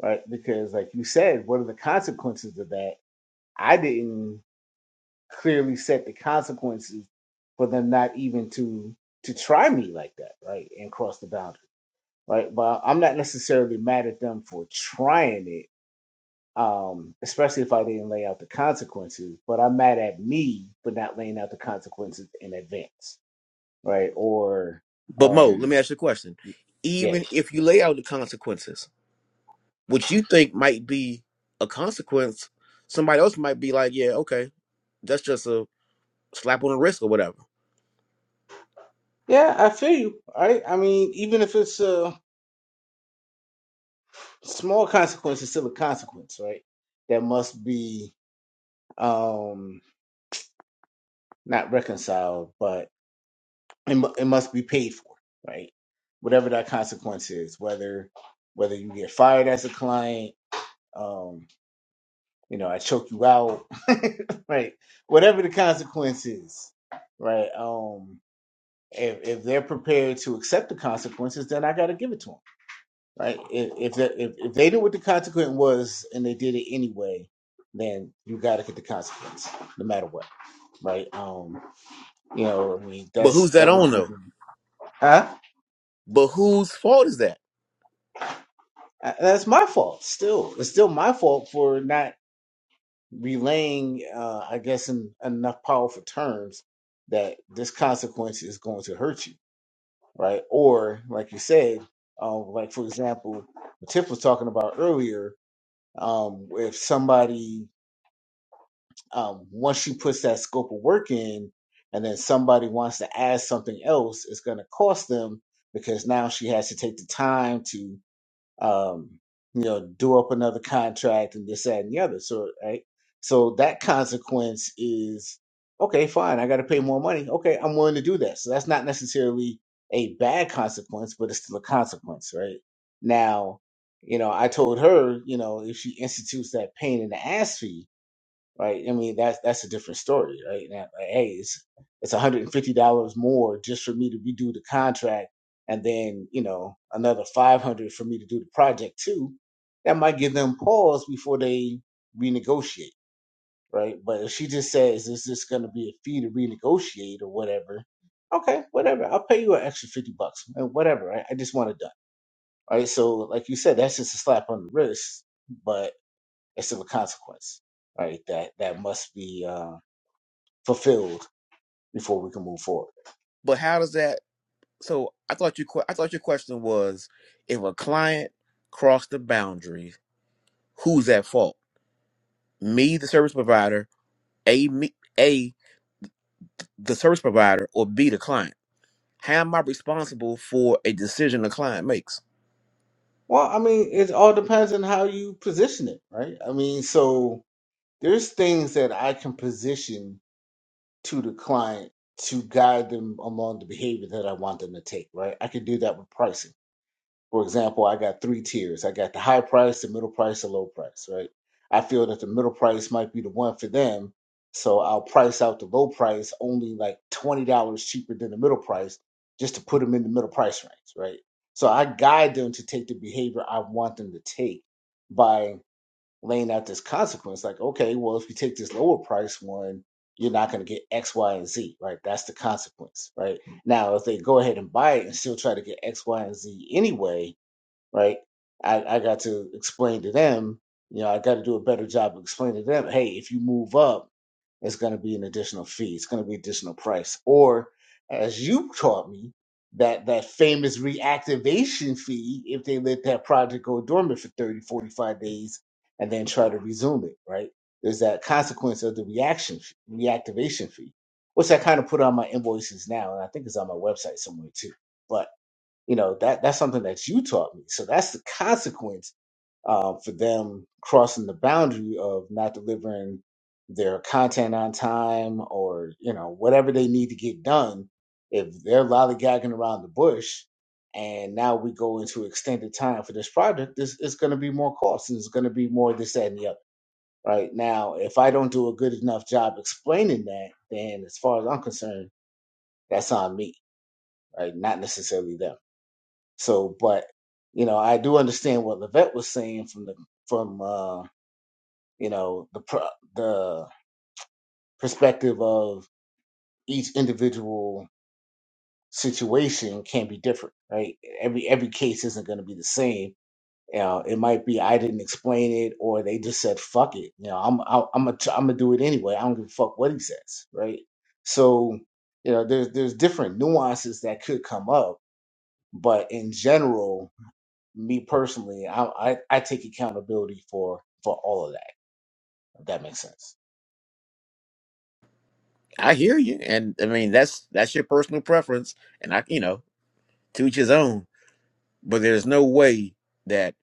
Speaker 1: right? Because like you said, what are the consequences of that? I didn't clearly set the consequences for them not even to to try me like that, right? And cross the boundary, right? But I'm not necessarily mad at them for trying it um, especially if I didn't lay out the consequences. But I'm mad at me for not laying out the consequences in advance, right? Or,
Speaker 6: But Mo, let
Speaker 1: um,
Speaker 6: me ask you a question.
Speaker 1: yeah,
Speaker 6: Even if you lay out the consequences, which you think might be a consequence, somebody else might be like, "Yeah, okay, that's just a slap on the wrist or whatever."
Speaker 1: yeah, I feel you, right? I mean, even if it's a small consequence, it's still a consequence, right? That must be um not reconciled, but it, mu- it must be paid for, right? Whatever that consequence is, whether whether you get fired as a client, um. you know, I choke you out, right? Whatever the consequence is, right? Um, if if they're prepared to accept the consequences, then I got to give it to them, right? If if, the, if if they knew what the consequence was and they did it anyway, then you got to get the consequence, no matter what, right? Um, you know, I mean,
Speaker 6: But
Speaker 1: that's
Speaker 6: who's that
Speaker 1: that would,
Speaker 6: on though?
Speaker 1: be- huh?
Speaker 6: But whose fault is that?
Speaker 1: Uh, That's my fault. Still, it's still my fault for not. relaying, uh, I guess, in enough powerful terms that this consequence is going to hurt you, right? Or, like you said, um, like for example, what Tiff was talking about earlier, um, if somebody um, once she puts that scope of work in, and then somebody wants to add something else, it's going to cost them because now she has to take the time to um, you know, do up another contract and this, that, and the other. So, right. So that consequence is okay, fine. I got to pay more money. Okay, I'm willing to do that. So that's not necessarily a bad consequence, but it's still a consequence, right? Now, you know, I told her, you know, if she institutes that pain in the ass fee, right? I mean, that's that's a different story, right? Now, like, hey, it's it's one hundred and fifty dollars more just for me to redo the contract, and then you know another five hundred for me to do the project too. That might give them pause before they renegotiate, right? But if she just says, "Is this going to be a fee to renegotiate or whatever?" Okay, whatever. I'll pay you an extra fifty bucks, and whatever. I, I just want it done, right? So, like you said, that's just a slap on the wrist, but it's still a consequence, right? That that must be. Um, fulfilled before we can move forward.
Speaker 6: But how does that? So I thought you. que- I thought your question was, if a client crossed the boundary, who's at fault? Me, the service provider. A me, a the service provider, or B the client. How am I responsible for a decision the client makes?
Speaker 1: Well, I mean, it all depends on how you position it, right? I mean, so there's things that I can position to the client to guide them along the behavior that I want them to take, right? I can do that with pricing For example, I got three tiers. I got the high price, the middle price, the low price, right? I feel that the middle price might be the one for them. So I'll price out the low price only like $20 cheaper than the middle price just to put them in the middle price range, right? So I guide them to take the behavior I want them to take by laying out this consequence like, okay, well, if you take this lower price one, you're not going to get X, Y, and Z, right? That's the consequence, right? Now, if they go ahead and buy it and still try to get X, Y, and Z anyway, right? I, I got to explain to them, you know, I got to do a better job of explaining to them, hey, if you move up, it's going to be an additional fee, it's going to be additional price, or as you taught me, that that famous reactivation fee if they let that project go dormant for 30, 45 days and then try to resume it, right? There's that consequence of the reaction fee- reactivation fee, which I kind of put on my invoices now, and I think it's on my website somewhere too. But you know that that's something that you taught me. So that's the consequence uh, for them crossing the boundary of not delivering their content on time or you know whatever they need to get done. If they're lollygagging around the bush, and now we go into extended time for this project, this it's going to be more cost and it's going to be more this that and the other. Right now, if I don't do a good enough job explaining that, then as far as I'm concerned, that's on me. Right, not necessarily them. So, but you know, I do understand what Levette was saying from the from uh, you know the pro- the perspective of each individual situation can be different, right? Every every case isn't going to be the same. You know, it might be I didn't explain it, or they just said "fuck it." You know, I'm I'm I'm gonna I'm gonna do it anyway. I don't give a fuck what he says, right? So, you know, there's there's different nuances that could come up, but in general, me personally, I, I I take accountability for for all of that. If that makes sense.
Speaker 6: I hear you, and I mean that's that's your personal preference, and I you know to each his own. But there's no way that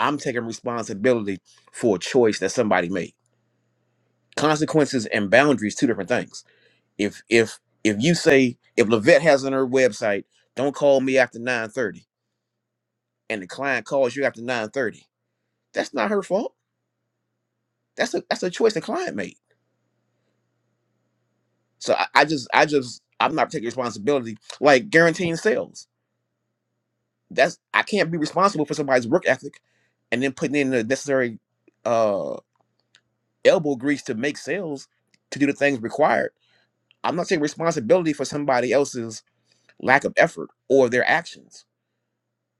Speaker 6: I'm taking responsibility for a choice that somebody made. consequences and boundaries two different things if if if you say if levette has on her website don't call me after 9.30 and the client calls you after 9.30 that's not her fault that's a that's a choice the client made so i, I just i just i'm not taking responsibility like guaranteeing sales that's i can't be responsible for somebody's work ethic and then putting in the necessary uh elbow grease to make sales to do the things required i'm not taking responsibility for somebody else's lack of effort or their actions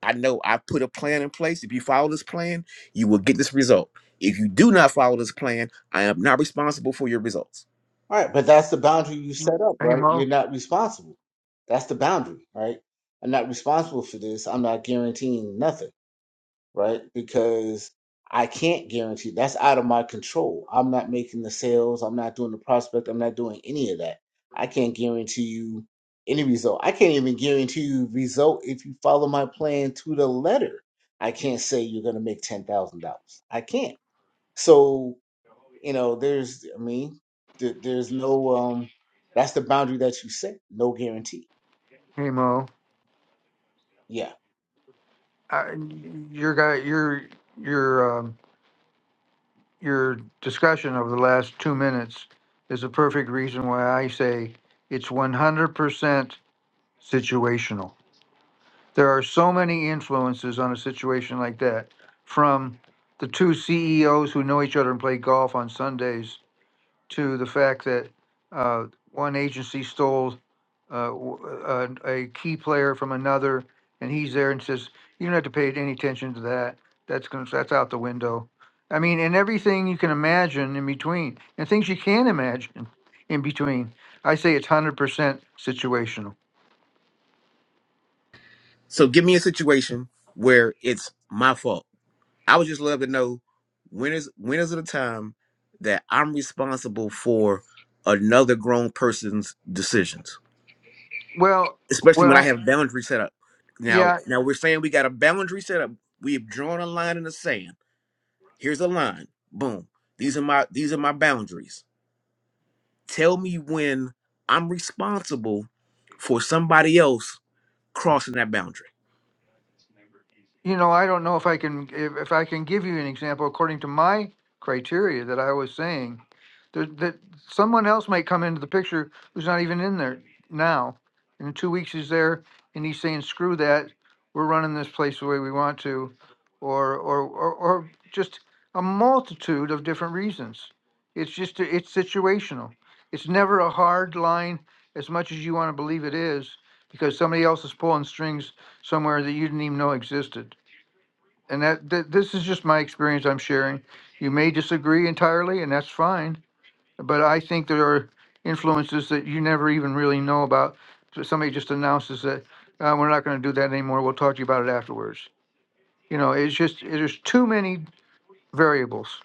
Speaker 6: I know I put a plan in place. If you follow this plan, you will get this result. If you do not follow this plan, I am not responsible for your results.
Speaker 1: All right, but that's the boundary you set up,
Speaker 8: hey
Speaker 1: right? You're
Speaker 8: Mo,
Speaker 1: not responsible. That's the boundary, right? I'm not responsible for this. I'm not guaranteeing nothing. right? Because I can't guarantee that's out of my control. I'm not making the sales, I'm not doing the prospect, I'm not doing any of that. I can't guarantee you any result. I can't even guarantee you result if you follow my plan to the letter. I can't say you're going to make $10,000. I can't. So, you know, there's I mean, there, there's no um that's the boundary that you set, no guarantee.
Speaker 8: hey Mo,
Speaker 1: Yeah.
Speaker 8: uh, your guy, your your um, your discussion of the last two minutes is a perfect reason why I say it's 100% situational. There are so many influences on a situation like that from the two CEOs who know each other and play golf on Sundays to the fact that uh, one agency stole uh, w- uh, a key player from another, and he's there and says, "You don't have to pay any attention to that. That's gonna, that's out the window." I mean, and everything you can imagine in between, and things you can not imagine in between. I say it's hundred percent situational.
Speaker 6: So give me a situation where it's my fault. I would just love to know when is when is it a time that I'm responsible for another grown person's decisions,
Speaker 8: Well,
Speaker 6: especially
Speaker 8: what
Speaker 6: when I
Speaker 8: I
Speaker 6: have boundary set up. Now,
Speaker 8: yeah,
Speaker 6: now we're saying we got a boundary set up. We have drawn a line in the sand. here's a line boom these are my these are my boundaries tell me when i'm responsible for somebody else crossing that boundary
Speaker 8: You know, I don't know if I can if, if I can give you an example according to my criteria that I was saying. That, that someone else might come into the picture who's not even in there now. And in two weeks he's there and he's saying, "Screw that, we're running this place the way we want to," or or or, or just a multitude of different reasons. It's just it's situational. It's never a hard line as much as you want to believe it is, because somebody else is pulling strings somewhere that you didn't even know existed and that th- this is just my experience I'm sharing. You may disagree entirely, and that's fine. But I think there are influences that you never even really know about. So somebody just announces that uh, we're not going to do that anymore. We'll talk to you about it afterwards. You know, it's just there's too many variables.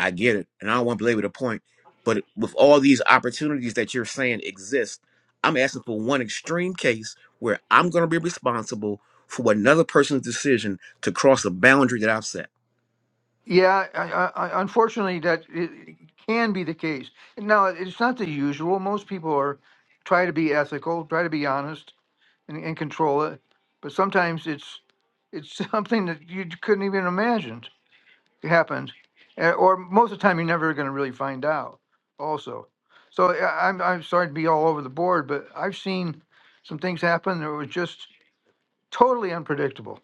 Speaker 6: i get it and i don't want to belabor the point but with all these opportunities that you're saying exist i'm asking for one extreme case where i'm going to be responsible for another person's decision to cross a boundary that i've set
Speaker 8: Yeah, I, I, I, unfortunately, that it it can be the case. Now, it's not the usual. Most people are try to be ethical, try to be honest and, and control it. But sometimes it's it's something that you couldn't even imagine happened, eh, or most of the time you're never going to really find out. Also, so eh, I'm I'm sorry to be all over the board, but I've seen some things happen that were just totally unpredictable.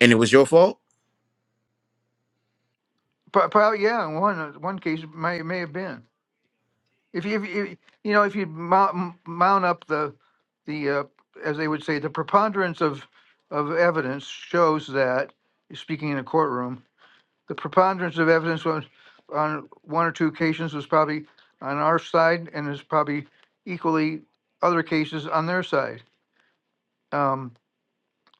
Speaker 6: and it was your fault
Speaker 8: Pro- Probably yeah, in one uh, one case it may may have been if you, if you you know if you mount, mount up the the uh, as they would say the preponderance of of evidence shows that speaking in a courtroom the preponderance of evidence was on one or two occasions was probably on our side and is probably equally other cases on their side. Um,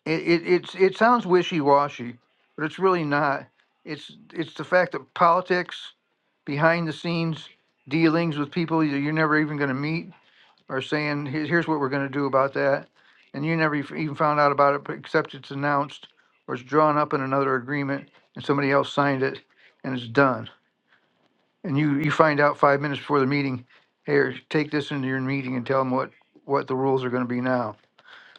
Speaker 8: it, it, it's, it sounds wishy-washy, but it's really not. It's, it's the fact that politics, behind the scenes dealings with people that you're never even gonna meet are saying, here's what we're gonna do about that. And you never even found out about it, except it's announced or it's drawn up in another agreement and somebody else signed it and it's done and you, you find out five minutes before the meeting, here, take this into your meeting and tell them what, what the rules are gonna be now.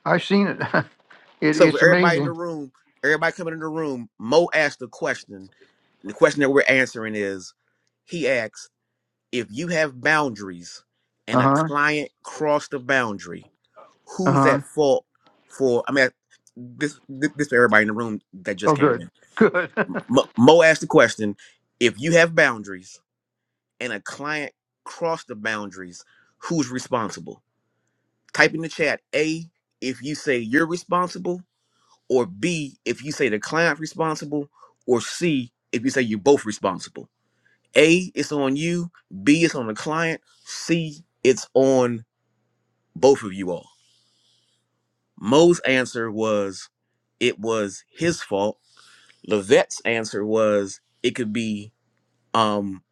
Speaker 8: I've seen it. It,
Speaker 6: so for
Speaker 8: it's
Speaker 6: everybody in the
Speaker 8: amazing.
Speaker 6: room everybody coming in the room mo asked a question The question that we're answering is he asks, if you have boundaries and a
Speaker 8: Uh-huh,
Speaker 6: client crossed the boundary, who's
Speaker 8: uh-huh.
Speaker 6: at fault for? I mean, this this, this for everybody in the room that
Speaker 8: Oh,
Speaker 6: just came
Speaker 8: good,
Speaker 6: in.
Speaker 8: good.
Speaker 6: Mo, Mo asked the question: If you have boundaries and a client crossed the boundaries, who's responsible? Type in the chat A if you say you're responsible, or B if you say the client responsible, or C if you say you're both responsible. A, it's on you. B, it's on the client. C, it's on both of you all. Mo's answer was it was his fault. Levette's answer was it could be um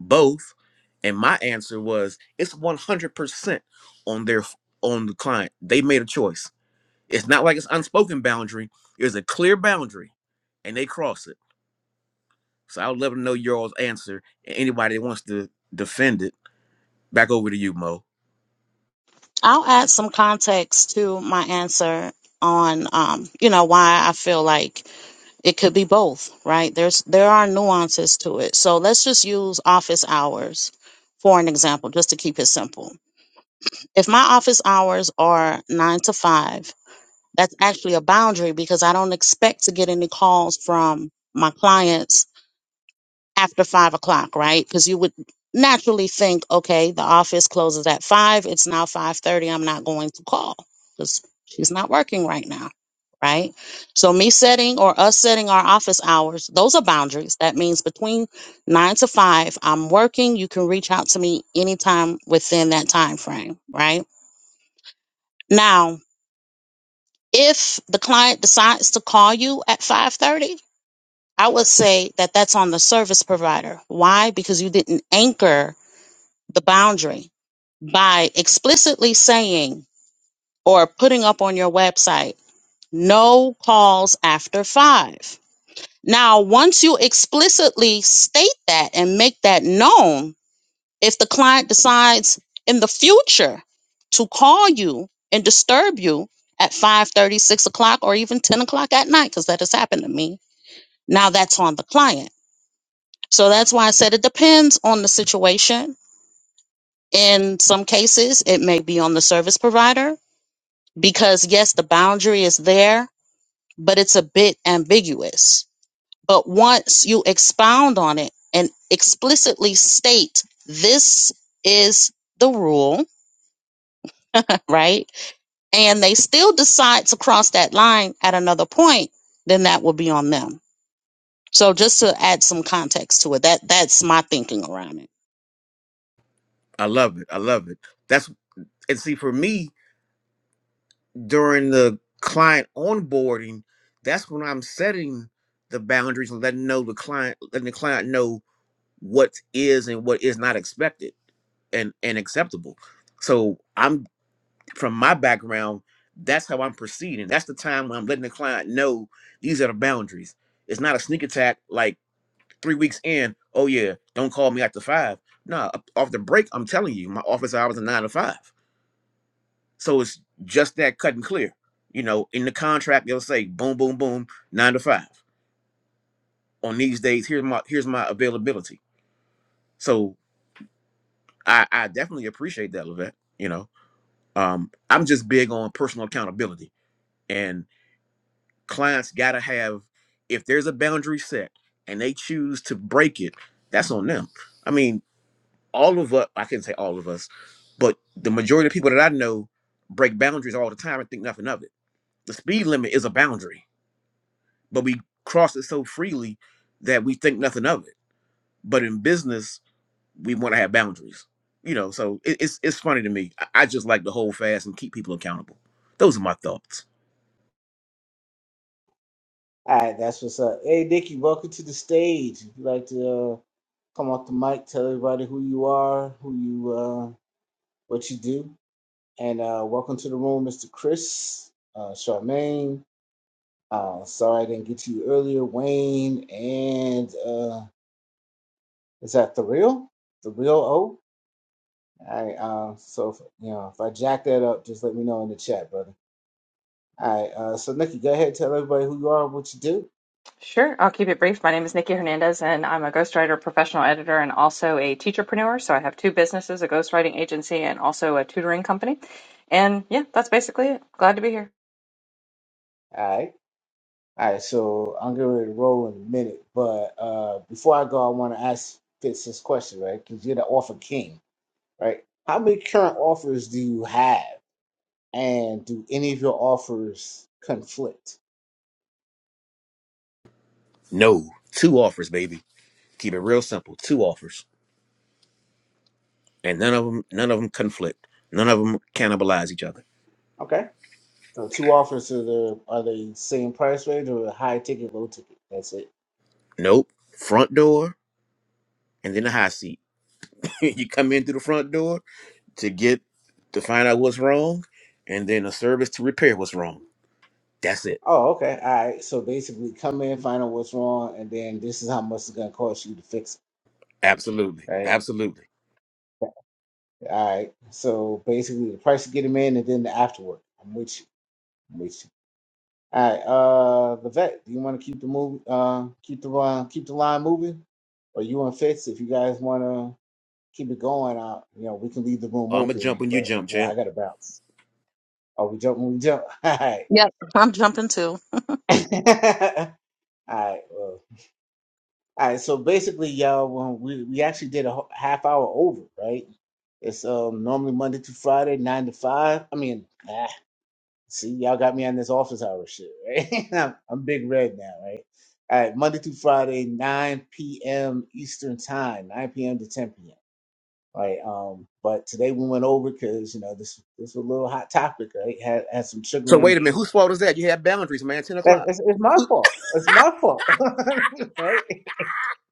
Speaker 6: both. And my answer was it's 100% on their on the client. They made a choice. It's not like it's unspoken boundary. It's a clear boundary and they cross it. So I would love to know your all's answer. and Anybody that wants to defend it, back over to you, Mo.
Speaker 3: I'll add some context to my answer on, um, you know, why I feel like It could be both, right? There's there are nuances to it. So let's just use office hours for an example, just to keep it simple. If my office hours are nine to five, that's actually a boundary because I don't expect to get any calls from my clients after five o'clock, right? Because you would naturally think, okay, the office closes at five. It's now five thirty. I'm not going to call because she's not working right now, right? So me setting or us setting our office hours, those are boundaries. That means between nine to five, I'm working. You can reach out to me anytime within that time frame, right? Now, if the client decides to call you at five thirty, I would say that that's on the service provider. Why? Because you didn't anchor the boundary by explicitly saying or putting up on your website no calls after five. Now, once you explicitly state that and make that known, if the client decides in the future to call you and disturb you at five thirty, six o'clock, or even 10 o'clock at night, because that has happened to me, now that's on the client. So that's why I said it depends on the situation In some cases, it may be on the service provider because, yes, the boundary is there, but it's a bit ambiguous. But once you expound on it and explicitly state this is the rule, right? And they still decide to cross that line at another point, then that will be on them. So just to add some context to it, that that's my thinking around it.
Speaker 6: I love it. I love it. That's and see for me during the client onboarding, that's when I'm setting the boundaries and letting know the client, letting the client know what is and what is not expected and and acceptable. So I'm from my background, that's how I'm proceeding. That's the time when I'm letting the client know these are the boundaries. It's not a sneak attack like three weeks in. Oh yeah, don't call me after five. Nah, off the break, I'm telling you, my office hours are nine to five So it's just that cut and clear. You know, in the contract they'll say boom, boom, boom, nine to five. On these days, here's my here's my availability. So I, I definitely appreciate that, Levette. You know, um, I'm just big on personal accountability, and clients gotta have if there's a boundary set and they choose to break it, that's on them. I mean, all of us, I can not say all of us, but the majority of people that I know break boundaries all the time and think nothing of it. The speed limit is a boundary but we cross it so freely that we think nothing of it. But in business, we want to have boundaries, you know. So it, it's it's funny to me. I, I just like to hold fast and keep people accountable. Those are my thoughts.
Speaker 1: All right, that's what's up. Hey, Nikki, welcome to the stage. If you'd like to uh, come off the mic, tell everybody who you are, who you, uh, what you do, and uh, welcome to the room, Mr. Chris, uh, Charmaine. Uh, sorry I didn't get to you earlier, Wayne, and uh, is that the real, the real O? All right, uh, so if, you know if I jack that up, just let me know in the chat, brother. All right, uh, so Nikki, go ahead, tell everybody who you are, and what you do.
Speaker 9: Sure, I'll keep it brief. My name is Nikki Hernandez, and I'm a ghostwriter, professional editor, and also a teacherpreneur. So I have two businesses, a ghostwriting agency, and also a tutoring company. And yeah, that's basically it. Glad to be here.
Speaker 1: All right. All right, so I'm getting ready to roll in a minute, but uh, before I go, I want to ask Fitz this question, right? Because you're the offer king, right? How many current offers do you have, and do any of your offers conflict?
Speaker 6: No, two offers, baby. Keep it real simple. Two offers, and none of them none of them conflict. None of them cannibalize each other.
Speaker 1: Okay, so two offers are the are they same price range or high ticket, low ticket? That's it.
Speaker 6: Nope. Front door and then the high seat. you come in through the front door to get to find out what's wrong, and then a service to repair what's wrong. That's it
Speaker 1: Oh, okay, all right. So basically, come in, find out what's wrong, and then this is how much it's gonna cost you to fix it,
Speaker 6: Absolutely.
Speaker 1: right?
Speaker 6: Absolutely.
Speaker 1: All right. So basically, the price to get them in, and then the afterwork. I'm with you. All right, uh, the vet. Do you want to keep the movie, uh, keep the uh, keep the line moving, or you and Fitz, if you guys want to keep it going, uh, you know, we can leave the room
Speaker 6: I'm going to
Speaker 1: open,
Speaker 6: jump when you
Speaker 1: but
Speaker 6: jump,
Speaker 1: you know, I
Speaker 6: champ.
Speaker 1: gotta bounce. Oh, we jump, we jump. All right,
Speaker 3: I'm jumping too.
Speaker 1: all right, well, all right. So basically, y'all, well, we we actually did a ho- half hour over, right? It's um normally Monday to Friday, nine to five. I mean. See, y'all got me on this office hour shit, right? I'm, I'm big red now, right? All right, Monday through Friday, 9 p.m. Eastern time, 9 p.m. to 10 p.m. Right. Um, but today we went over because you know this this was a little hot topic, right? Had had some sugar
Speaker 6: So wait
Speaker 1: in.
Speaker 6: a minute, whose fault is that? You have boundaries, man. Ten
Speaker 1: That-
Speaker 6: o'clock.
Speaker 1: It's, it's my fault. It's my fault, right?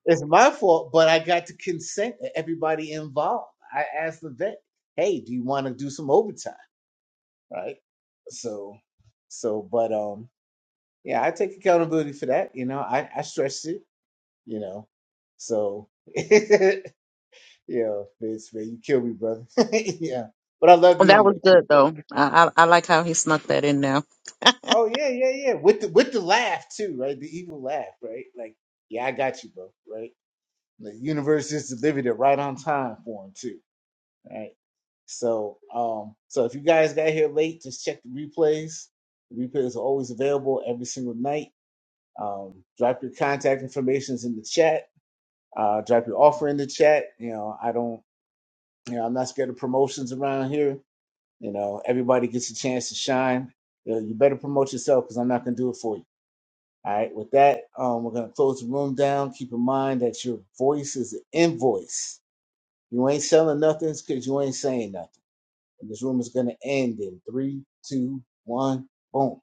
Speaker 1: It's my fault, but I got to consent to everybody involved. I asked the vet, "Hey, do you want to do some overtime?" Right. So, so, but um. Yeah, I take accountability for that. You know, I, I stressed it, you know. So, you know, Vince, man, you kill me, brother. yeah. But I love you
Speaker 3: That
Speaker 1: anyway,
Speaker 3: was
Speaker 1: Tim.
Speaker 3: good though. I I, I like how he snuck that in
Speaker 1: Oh, yeah, yeah, yeah. With the with the laugh too, right? The evil laugh, right? Like, yeah, I got you, bro, right? The universe just delivered it right on time for him too. Right. So, um, so if you guys got here late, just check the replays. The replays are always available every single night. Um, drop your contact information in the chat Uh, drop your offer in the chat. You know, I don't, you know, I'm not scared of promotions around here. You know, everybody gets a chance to shine. You, know, you better promote yourself because I'm not going to do it for you. All right. With that, um, we're going to close the room down. Keep in mind that your voice is an invoice. You ain't selling nothing because you ain't saying nothing. And this room is going to end in three, two, one, boom.